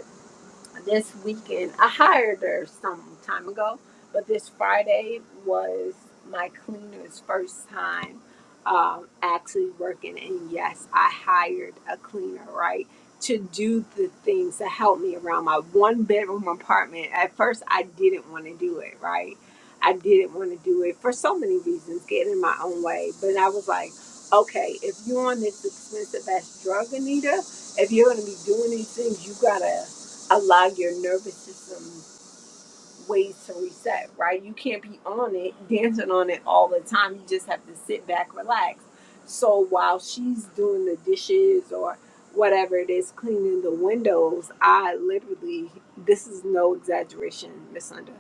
Speaker 2: this weekend. I hired her some time ago, but this Friday was my cleaner's first time um, actually working. And yes, I hired a cleaner, right, to do the things to help me around my one bedroom apartment. At first, I didn't want to do it, right? I didn't want to do it for so many reasons, getting in my own way. But I was like, okay, if you're on this expensive ass drug, Anita, if you're going to be doing these things, you got to allow your nervous system ways to reset, right? You can't be on it, [laughs] dancing on it all the time. You just have to sit back, relax. So while she's doing the dishes or whatever it is, cleaning the windows, I literally, this is no exaggeration, Miss Linda.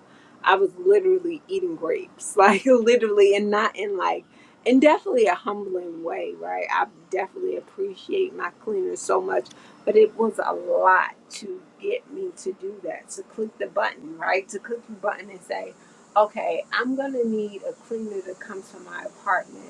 Speaker 2: I was literally eating grapes, [laughs] like literally, and not in like, and definitely a humbling way, right? I definitely appreciate my cleaner so much but it was a lot to get me to do that, to click the button, right? To click the button and say, okay, I'm going to need a cleaner that comes to my apartment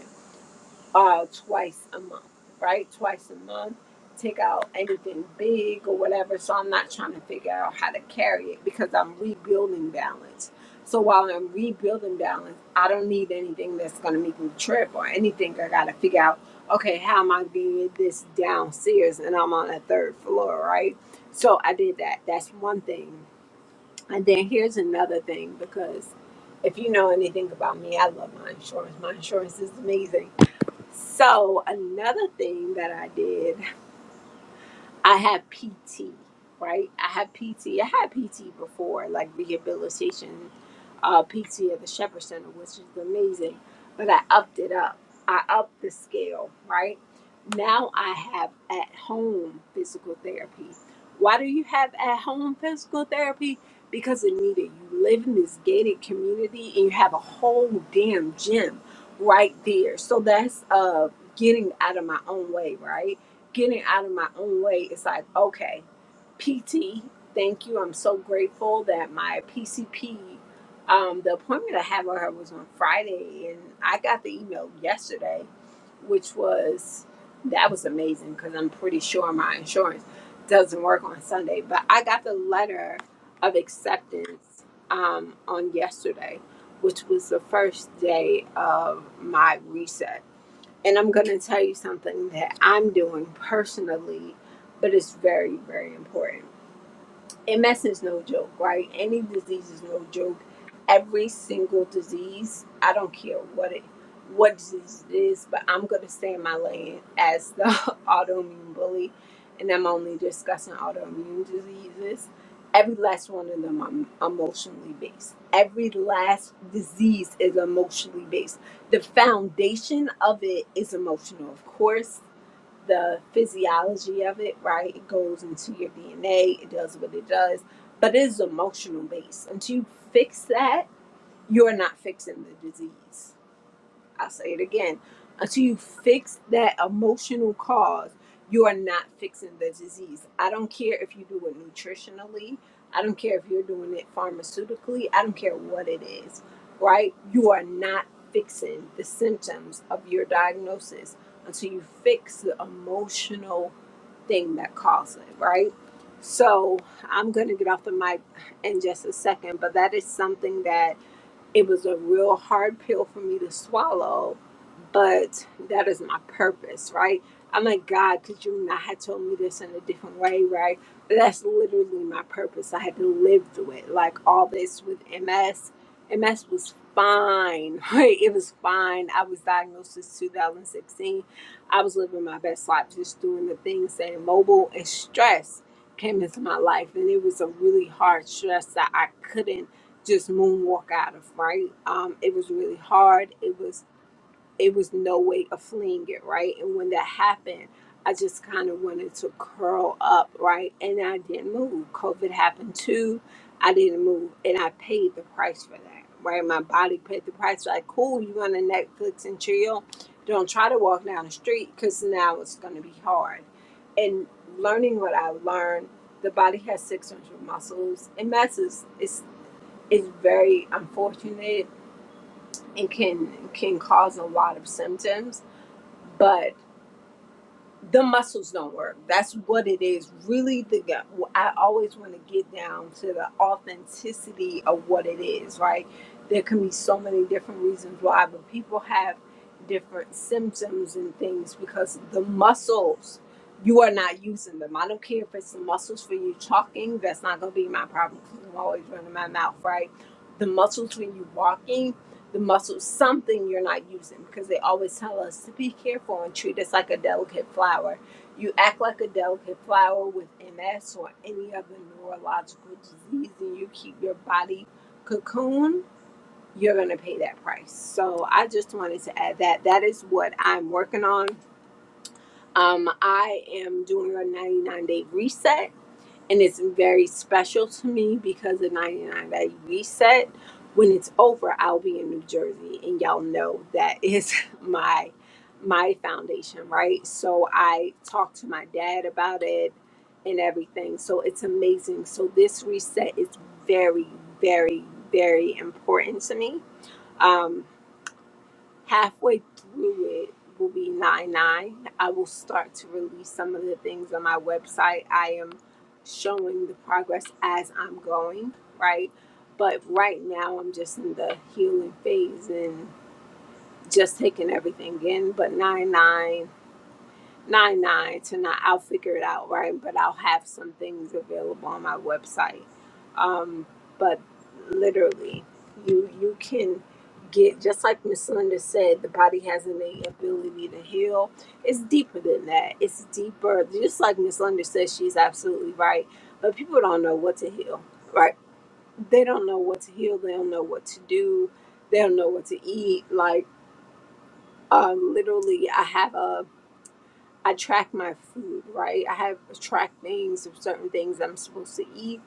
Speaker 2: uh, twice a month, right? Twice a month. Take out anything big or whatever. So I'm not trying to figure out how to carry it because I'm rebuilding balance. So while I'm rebuilding balance, I don't need anything that's going to make me trip or anything. I got to figure out, okay, how am I doing this downstairs and I'm on a third floor, right? So I did that. That's one thing. And then here's another thing because if you know anything about me, I love my insurance. My insurance is amazing so another thing that I did, I had PT, right? I had PT. I had PT before, like rehabilitation uh, PT at the Shepherd Center, which is amazing. But I upped it up. I upped the scale, right? Now I have at home physical therapy. Why do you have at home physical therapy? Because Anita, you live in this gated community and you have a whole damn gym right there. So that's uh getting out of my own way, right? Getting out of my own way. It's like, okay, PT, thank you. I'm so grateful that my PCP um, the appointment I had with her was on Friday, and I got the email yesterday, which was that was amazing because I'm pretty sure my insurance doesn't work on Sunday. But I got the letter of acceptance um, on yesterday, which was the first day of my reset. And I'm going to tell you something that I'm doing personally, but it's very, very important MS is no joke, right? Any disease is no joke. Every single disease, I don't care what it, what disease it is, but I'm gonna stay in my lane as the [laughs] autoimmune bully, and I'm only discussing autoimmune diseases. Every last one of them are emotionally based. Every last disease is emotionally based. The foundation of it is emotional, of course, the physiology of it, right? It goes into your DNA, it does what it does, but it is emotional based. Until you fix that, you're not fixing the disease. I'll say it again. Until you fix that emotional cause, you are not fixing the disease. I don't care if you do it nutritionally. I don't care if you're doing it pharmaceutically. I don't care what it is, right? You are not fixing the symptoms of your diagnosis until you fix the emotional thing that caused it, right? So I'm going to get off the mic in just a second, but that is something that it was a real hard pill for me to swallow, but that is my purpose, right? I'm like, God, could you not have told me this in a different way, right? But that's literally my purpose. I had to live through it. Like all this with MS, MS was fine, [laughs] right? It was fine. I was diagnosed in 2016. I was living my best life, just doing the things that mobile and stress came into my life. And it was a really hard stress that I couldn't just moonwalk out of right um it was really hard it was it was no way of fleeing it right and when that happened i just kind of wanted to curl up right and i didn't move covid happened too i didn't move and i paid the price for that right my body paid the price like cool you want to netflix and chill don't try to walk down the street because now it's going to be hard and learning what i learned the body has 600 muscles it messes It's is very unfortunate and can can cause a lot of symptoms but the muscles don't work that's what it is really the gut i always want to get down to the authenticity of what it is right there can be so many different reasons why but people have different symptoms and things because the muscles you are not using them i don't care if it's the muscles for you talking that's not going to be my problem 'cause i'm always running my mouth right the muscles when you're walking the muscles, something you're not using, because they always tell us to be careful and treat us like a delicate flower. You act like a delicate flower with MS or any other neurological disease, and you keep your body cocoon, you're going to pay that price. So I just wanted to add that. That is what I'm working on. Um, I am doing a 99 day reset and it's very special to me because the 99 day reset when it's over i'll be in new jersey and y'all know that is [laughs] my my foundation right so i talked to my dad about it and everything so it's amazing so this reset is very very very important to me Um, halfway through it will be 9-9 i will start to release some of the things on my website i am showing the progress as i'm going right but right now i'm just in the healing phase and just taking everything in but 9-9 nine nine tonight. I'll figure it out, right? But I'll have some things available on my website. Um, but literally, you you can get just like Miss Linda said, the body has an innate ability to heal. It's deeper than that. It's deeper. Just like Miss Linda says, she's absolutely right. But people don't know what to heal, right? They don't know what to heal. They don't know what to do. They don't know what to eat. Like uh, literally, I have a I track my food, right? I have track things of certain things I'm supposed to eat.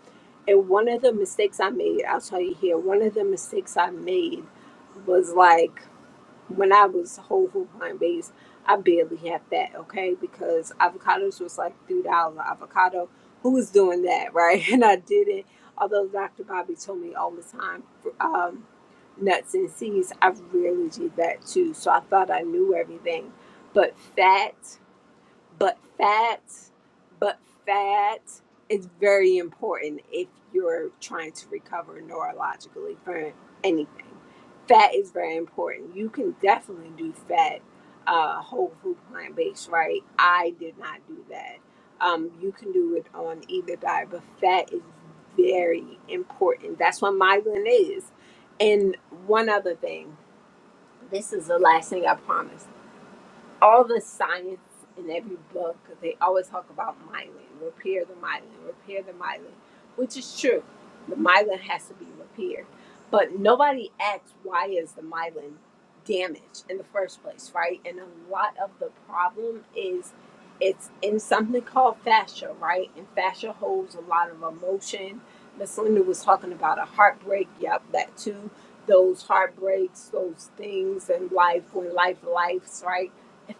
Speaker 2: And one of the mistakes I made, I'll tell you here, one of the mistakes I made was like when I was whole food plant based, I barely had fat, okay? Because avocados was like $3 avocado. Who was doing that, right? [laughs] And I didn't. Although Dr. Bobby told me all the time, um, nuts and seeds, I really did that too. So I thought I knew everything. But fat but fat, but fat is very important if you're trying to recover neurologically for anything. Fat is very important. You can definitely do fat uh, whole food plant based, right? I did not do that. Um, you can do it on either diet, but fat is very important. That's what migraine is. And one other thing, this is the last thing I promise all the science in every book, they always talk about myelin, repair the myelin, repair the myelin, which is true. The myelin has to be repaired. But nobody asks why is the myelin damaged in the first place, right? And a lot of the problem is it's in something called fascia, right? And fascia holds a lot of emotion. Miss Linda was talking about a heartbreak. Yep, that too. Those heartbreaks, those things in life when life lifes, right?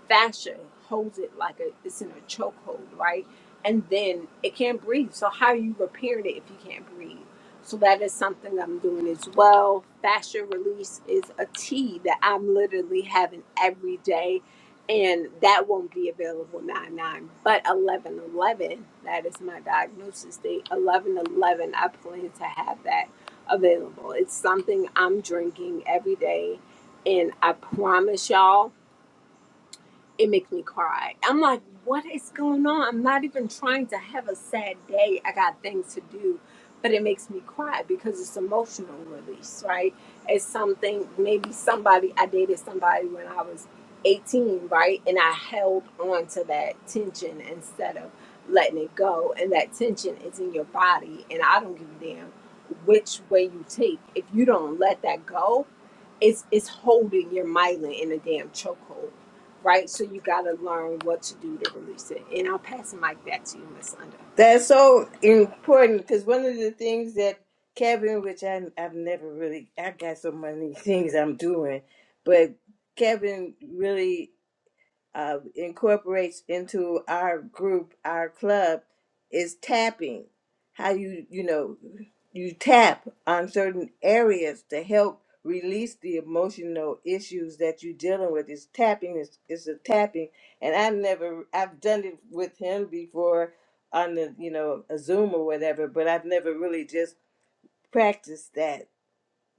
Speaker 2: fascia holds it like a, it's in a chokehold, right? And then it can't breathe. So how are you repairing it if you can't breathe? So that is something I'm doing as well. Fascia release is a tea that I'm literally having every day. And that won't be available 9 9, but 11 11. That is my diagnosis date. 11 11, I plan to have that available. It's something I'm drinking every day. And I promise y'all, it makes me cry. I'm like, what is going on? I'm not even trying to have a sad day. I got things to do, but it makes me cry because it's emotional release, right? It's something maybe somebody I dated somebody when I was 18, right? And I held on to that tension instead of letting it go. And that tension is in your body, and I don't give a damn which way you take. If you don't let that go, it's it's holding your myelin in a damn chokehold, right? So you gotta learn what to do to release it. And I'll pass the mic back to you, Miss Under.
Speaker 1: That's so important because one of the things that Kevin, which I, I've never really, I got so many things I'm doing, but Kevin really uh, incorporates into our group, our club, is tapping. How you you know you tap on certain areas to help release the emotional issues that you're dealing with. It's tapping. It's it's a tapping, and I've never I've done it with him before on the you know a Zoom or whatever, but I've never really just practiced that.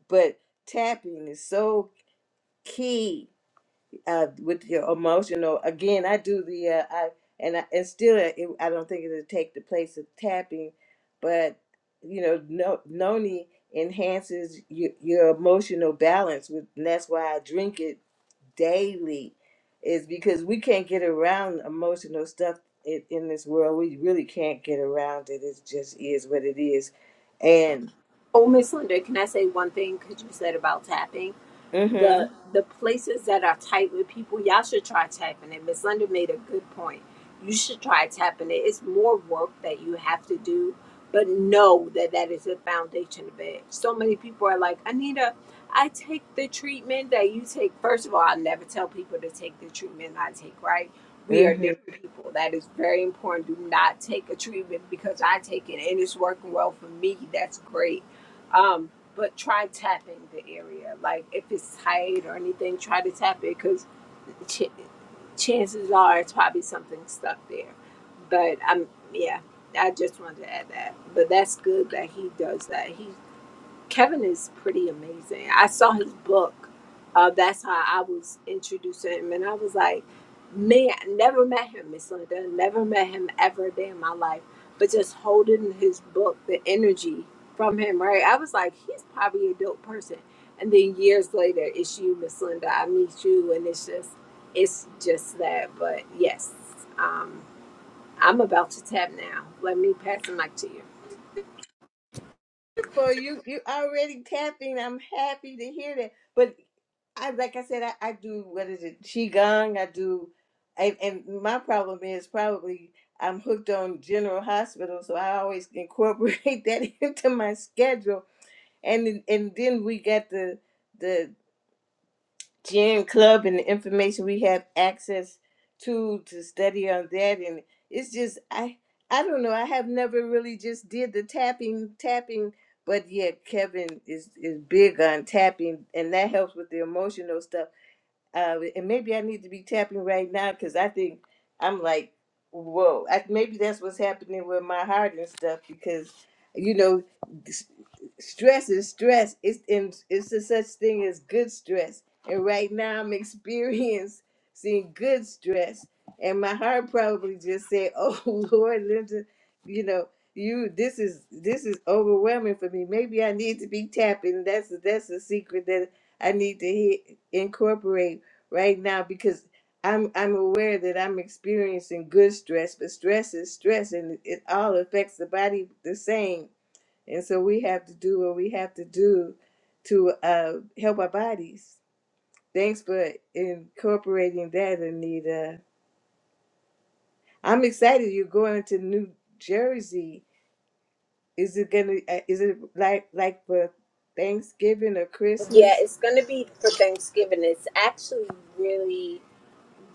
Speaker 1: But tapping is so key uh, with your emotional. Again, I do the uh, I and I, and still uh, it, I don't think it'll take the place of tapping, but you know, no, noni enhances your, your emotional balance. With and that's why I drink it daily, is because we can't get around emotional stuff in, in this world. We really can't get around it. It just is what it is, and.
Speaker 2: Oh, Miss Linda, can I say one thing? Because you said about tapping, the
Speaker 1: mm
Speaker 2: the places that are tight with people, y'all should try tapping it. Miss Linda made a good point. You should try tapping it. It's more work that you have to do, but know that that is the foundation of it. So many people are like, Anita, I take the treatment that you take. First of all, I never tell people to take the treatment I take. Right? We are
Speaker 1: Mhm.
Speaker 2: different people. That is very important. Do not take a treatment because I take it and it's working well for me. That's great um, but try tapping the area. Like if it's tight or anything, try to tap it because ch- chances are it's probably something stuck there. But I'm yeah, I just wanted to add that. But that's good that he does that. He Kevin is pretty amazing. I saw his book. Uh, that's how I was introduced to him, and I was like, man, I never met him, Miss Linda. Never met him ever a day in my life. But just holding his book, the energy from him, right? I was like, he's probably a dope person. And then years later, it's you, Miss Linda. I meet you, and it's just, it's just that. But yes, um, I'm about to tap now. Let me pass the mic to you.
Speaker 1: for you you already tapping i'm happy to hear that but i like i said i, I do what is it qigong i do and, and my problem is probably i'm hooked on general hospital so i always incorporate [laughs] that into my schedule and and then we got the the Gym Club and the information we have access to to study on that and it's just I I don't know I have never really just did the tapping tapping but yeah Kevin is is big on tapping and that helps with the emotional stuff uh and maybe I need to be tapping right now because I think I'm like whoa I, maybe that's what's happening with my heart and stuff because you know stress is stress. It's in it's a such thing as good stress. And right now I'm [laughs] experiencing good stress. And my heart probably just said, Oh [laughs] Lord, Linda, you know, you this is this is overwhelming for me. Maybe I need to be tapping. That's that's a secret that I need to hit, incorporate right now because I'm I'm aware that I'm experiencing good stress, but stress is stress and it all affects the body the same and so we have to do what we have to do to uh, help our bodies. Thanks for incorporating that, Anita. I'm excited you're going to New Jersey. Is it gonna? uh, Is it like like for Thanksgiving or
Speaker 2: Yeah,
Speaker 1: Christmas?
Speaker 2: it's going to be for Thanksgiving. It's actually really,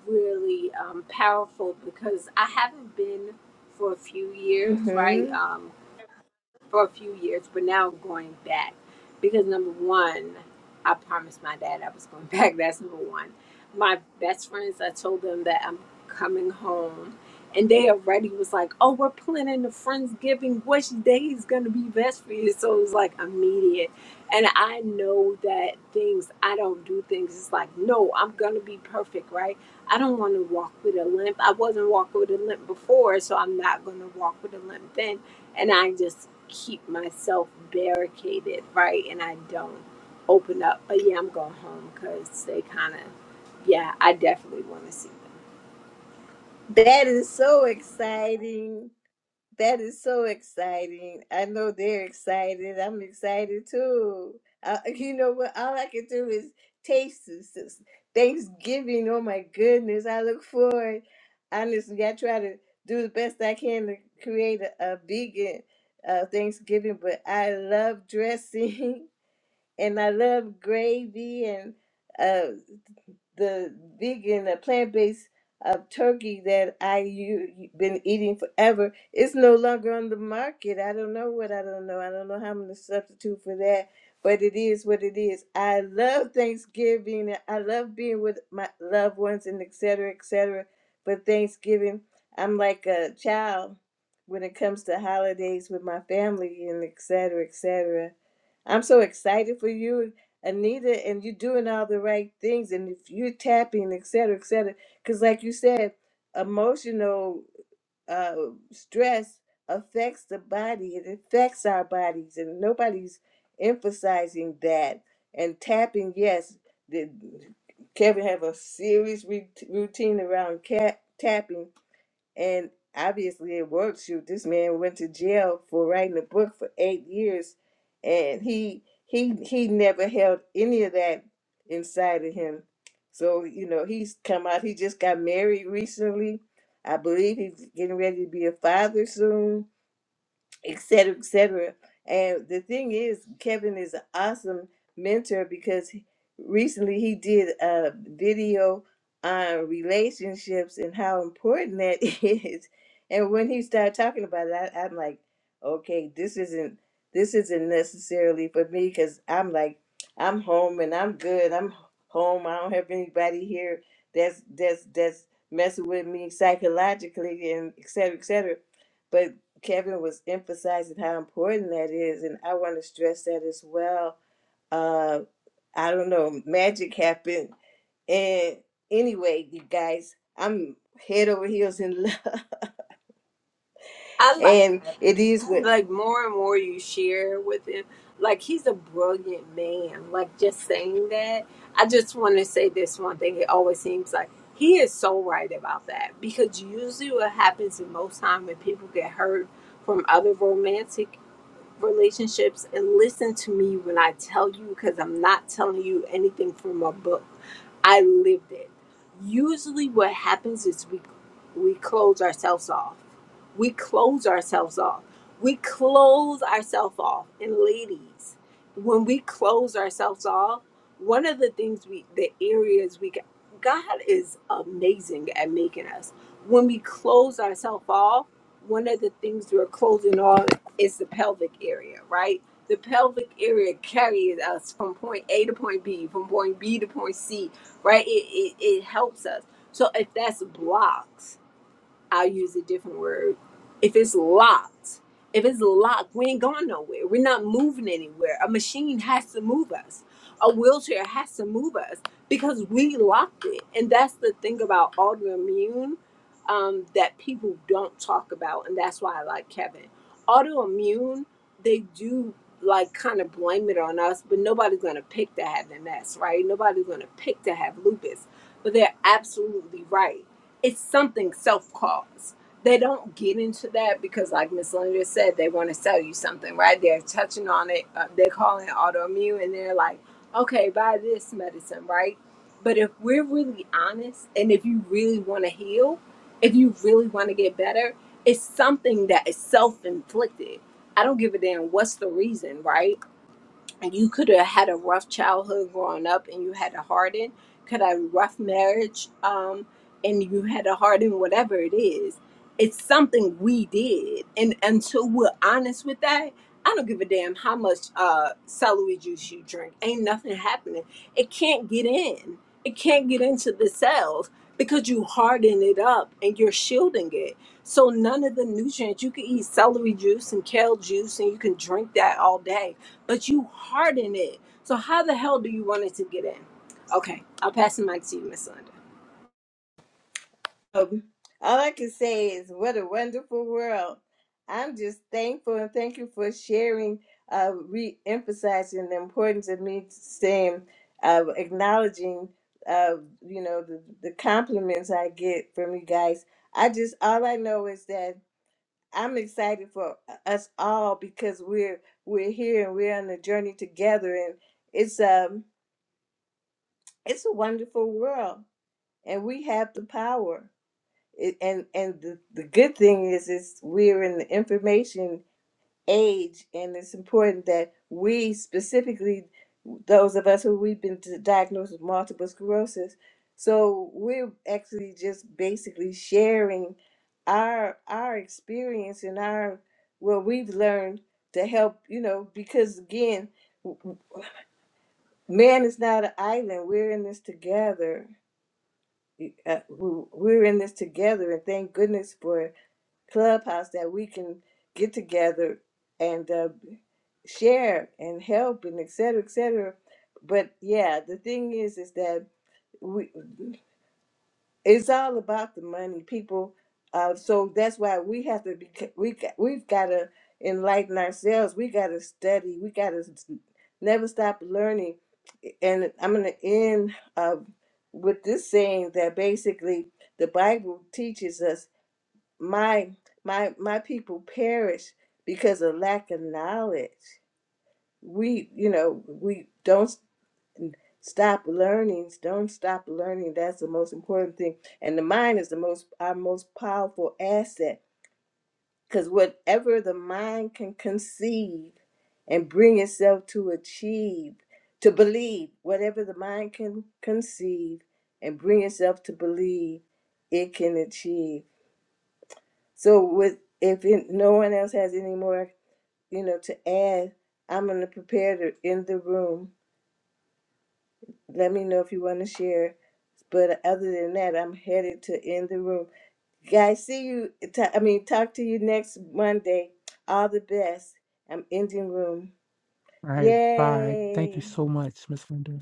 Speaker 2: really um, powerful because I haven't been for a few years, right?
Speaker 1: hmm
Speaker 2: Um, for a few years, but now I'm going back because number one, I promised my dad I was going [laughs] back. That's number one. My best friends, I told them that I'm coming home, and they already was like, "Oh, we're planning the friendsgiving. Which day is gonna be best for you?" So it was like immediate, and I know that things I don't do things. It's like, no, I'm gonna be perfect, right? I don't want to walk with a limp. I wasn't walking with a limp before, so I'm not going to walk with a limp then. And I just keep myself barricaded, right? And I don't open up. But yeah, I'm going home because they kind of, yeah, I definitely want to see.
Speaker 1: That is so exciting. That is so exciting. I know they're excited. I'm excited too. Uh, [laughs] you know what? All I can do is taste this, this Thanksgiving. Oh my goodness. I look forward. Honestly, I try to do the best I can to create a, a vegan uh, Thanksgiving, but I love dressing [laughs] and I love gravy and uh, the vegan, the plant based uh, turkey that I u- been eating forever is no longer on the market. I don't know what I don't know. I don't know how I'm gonna substitute for that, but it is what it is. I love Thanksgiving. and I love being with my loved ones and et cetera, et cetera. But Thanksgiving, I'm like a child when it comes to holidays with my family and et cetera, et cetera. I'm so excited for you Anita, and you're doing all the right things, and if you're tapping, et cetera, et cetera, because like you said, emotional uh, stress affects the body. It affects our bodies, and nobody's emphasizing that. And tapping, yes, the, Kevin have a serious re- routine around cat tapping and obviously it worked. Shoot, this man went to jail for writing a book for eight years and he he he never held any of that inside of him. So, you know, he's come out, he just got married recently. I believe he's getting ready to be a father soon et cetera, et cetera. And the thing is, Kevin is an awesome mentor because he- recently he did a video on relationships and how important that [laughs] is. And when he started talking about it, I, I'm like, okay, this isn't this isn't necessarily for me because I'm like, I'm home and I'm good. I'm home. I don't have anybody here that's that's that's messing with me psychologically and et cetera, et cetera Kevin was emphasizing how important that is, and I want to stress that as well. Uh, I don't know, magic happened, and anyway, you guys, I'm head over heels in love, [laughs]
Speaker 2: I like
Speaker 1: and it is
Speaker 2: Kevin.
Speaker 1: with.
Speaker 2: Like more and more you share with him, like he's a brilliant man. Like just saying that, I just want to say this one thing. It always seems like he is so right about that because usually what happens in most time when people get hurt from other romantic relationships and listen to me when I tell you because I'm not telling you anything from a book. I lived it. Usually, what happens is we we close ourselves off. We close ourselves off. We close ourselves off. And ladies, when we close ourselves off, one of the things we the areas we get, God is amazing at making us. When we close ourselves off, one of the things we're closing off is the pelvic area, right? the pelvic area carries us from point A to point B, from point B to point C, right? It, it, it helps us. So if that's blocked, I'll use a different word. If it's locked, if it's locked, we ain't going nowhere. We're not moving anywhere. A machine has to move us. A wheelchair has to move us because we locked it. And that's the thing about autoimmune um, that people don't talk about. And that's why I like Kevin. Autoimmune, they do like kind of blame it on us, but nobody's going to pick to have MS, right? Nobody's going to pick to have lupus but they're absolutely right it's something self-caused. They don't get into that because, like Miss Linda said, they want to sell you something, right? They're touching on it. Uh, they're calling it autoimmune, and they're like, "Okay, buy this medicine," right? But if we're really honest, and if you really want to heal, if you really want to get better, it's something that is self-inflicted. I don't give a damn what's the reason, right? you could have had a rough childhood growing up and you had a hardened could have a rough marriage um and you had a hardened whatever it is it's something we did and until we're honest with that i don't give a damn how much uh celery juice you drink ain't nothing happening it can't get in it can't get into the cells because you harden it up and you're shielding it so none of the nutrients you can eat celery juice and kale juice and you can drink that all day but you harden it. So how the hell do you want it to get in? Okay, I'll pass the mic to you, Miss Linda.
Speaker 1: Um, all I can say is what a wonderful world. I'm just thankful and thank you for sharing, uh, re emphasizing the importance of me saying, uh, acknowledging, uh, you know, the, the compliments I get from you guys. I just, all I know is that I'm excited for us all because we're, we're here and we're on a journey together and it's, um, it's a wonderful world and we have the power it, and and the, the good thing is is we're in the information age and it's important that we specifically those of us who we've been di- diagnosed with multiple sclerosis so we're actually just basically sharing our our experience and our what we've learned to help you know because again man is not an island we're in this together uh, we- we're in this together and thank goodness for clubhouse that we can get together and uh, share and help and et cetera, et cetera. But yeah, the thing is, is that we it's all about the money, people. Uh, so that's why we have to be we got- we've got to enlighten ourselves. We got to study. We got to never stop learning. And I'm gonna end uh, with this saying that basically the Bible teaches us my my my people perish because of lack of knowledge we you know we don't s- stop learning don't stop learning that's the most important thing and the mind is the most our most powerful asset because whatever the mind can conceive and bring itself to achieve to believe whatever the mind can conceive and bring itself to believe it can achieve So with if it, no one else has any more, you know, to add, I'm gonna prepare to end the room. Let me know if you want to share. But other than that, I'm headed to end the room. Guys, see you. ta- I mean, talk to you next Monday. All the best. I'm ending room.
Speaker 4: right. Bye. Thank
Speaker 1: Yay!
Speaker 4: you so much, Miss Linda.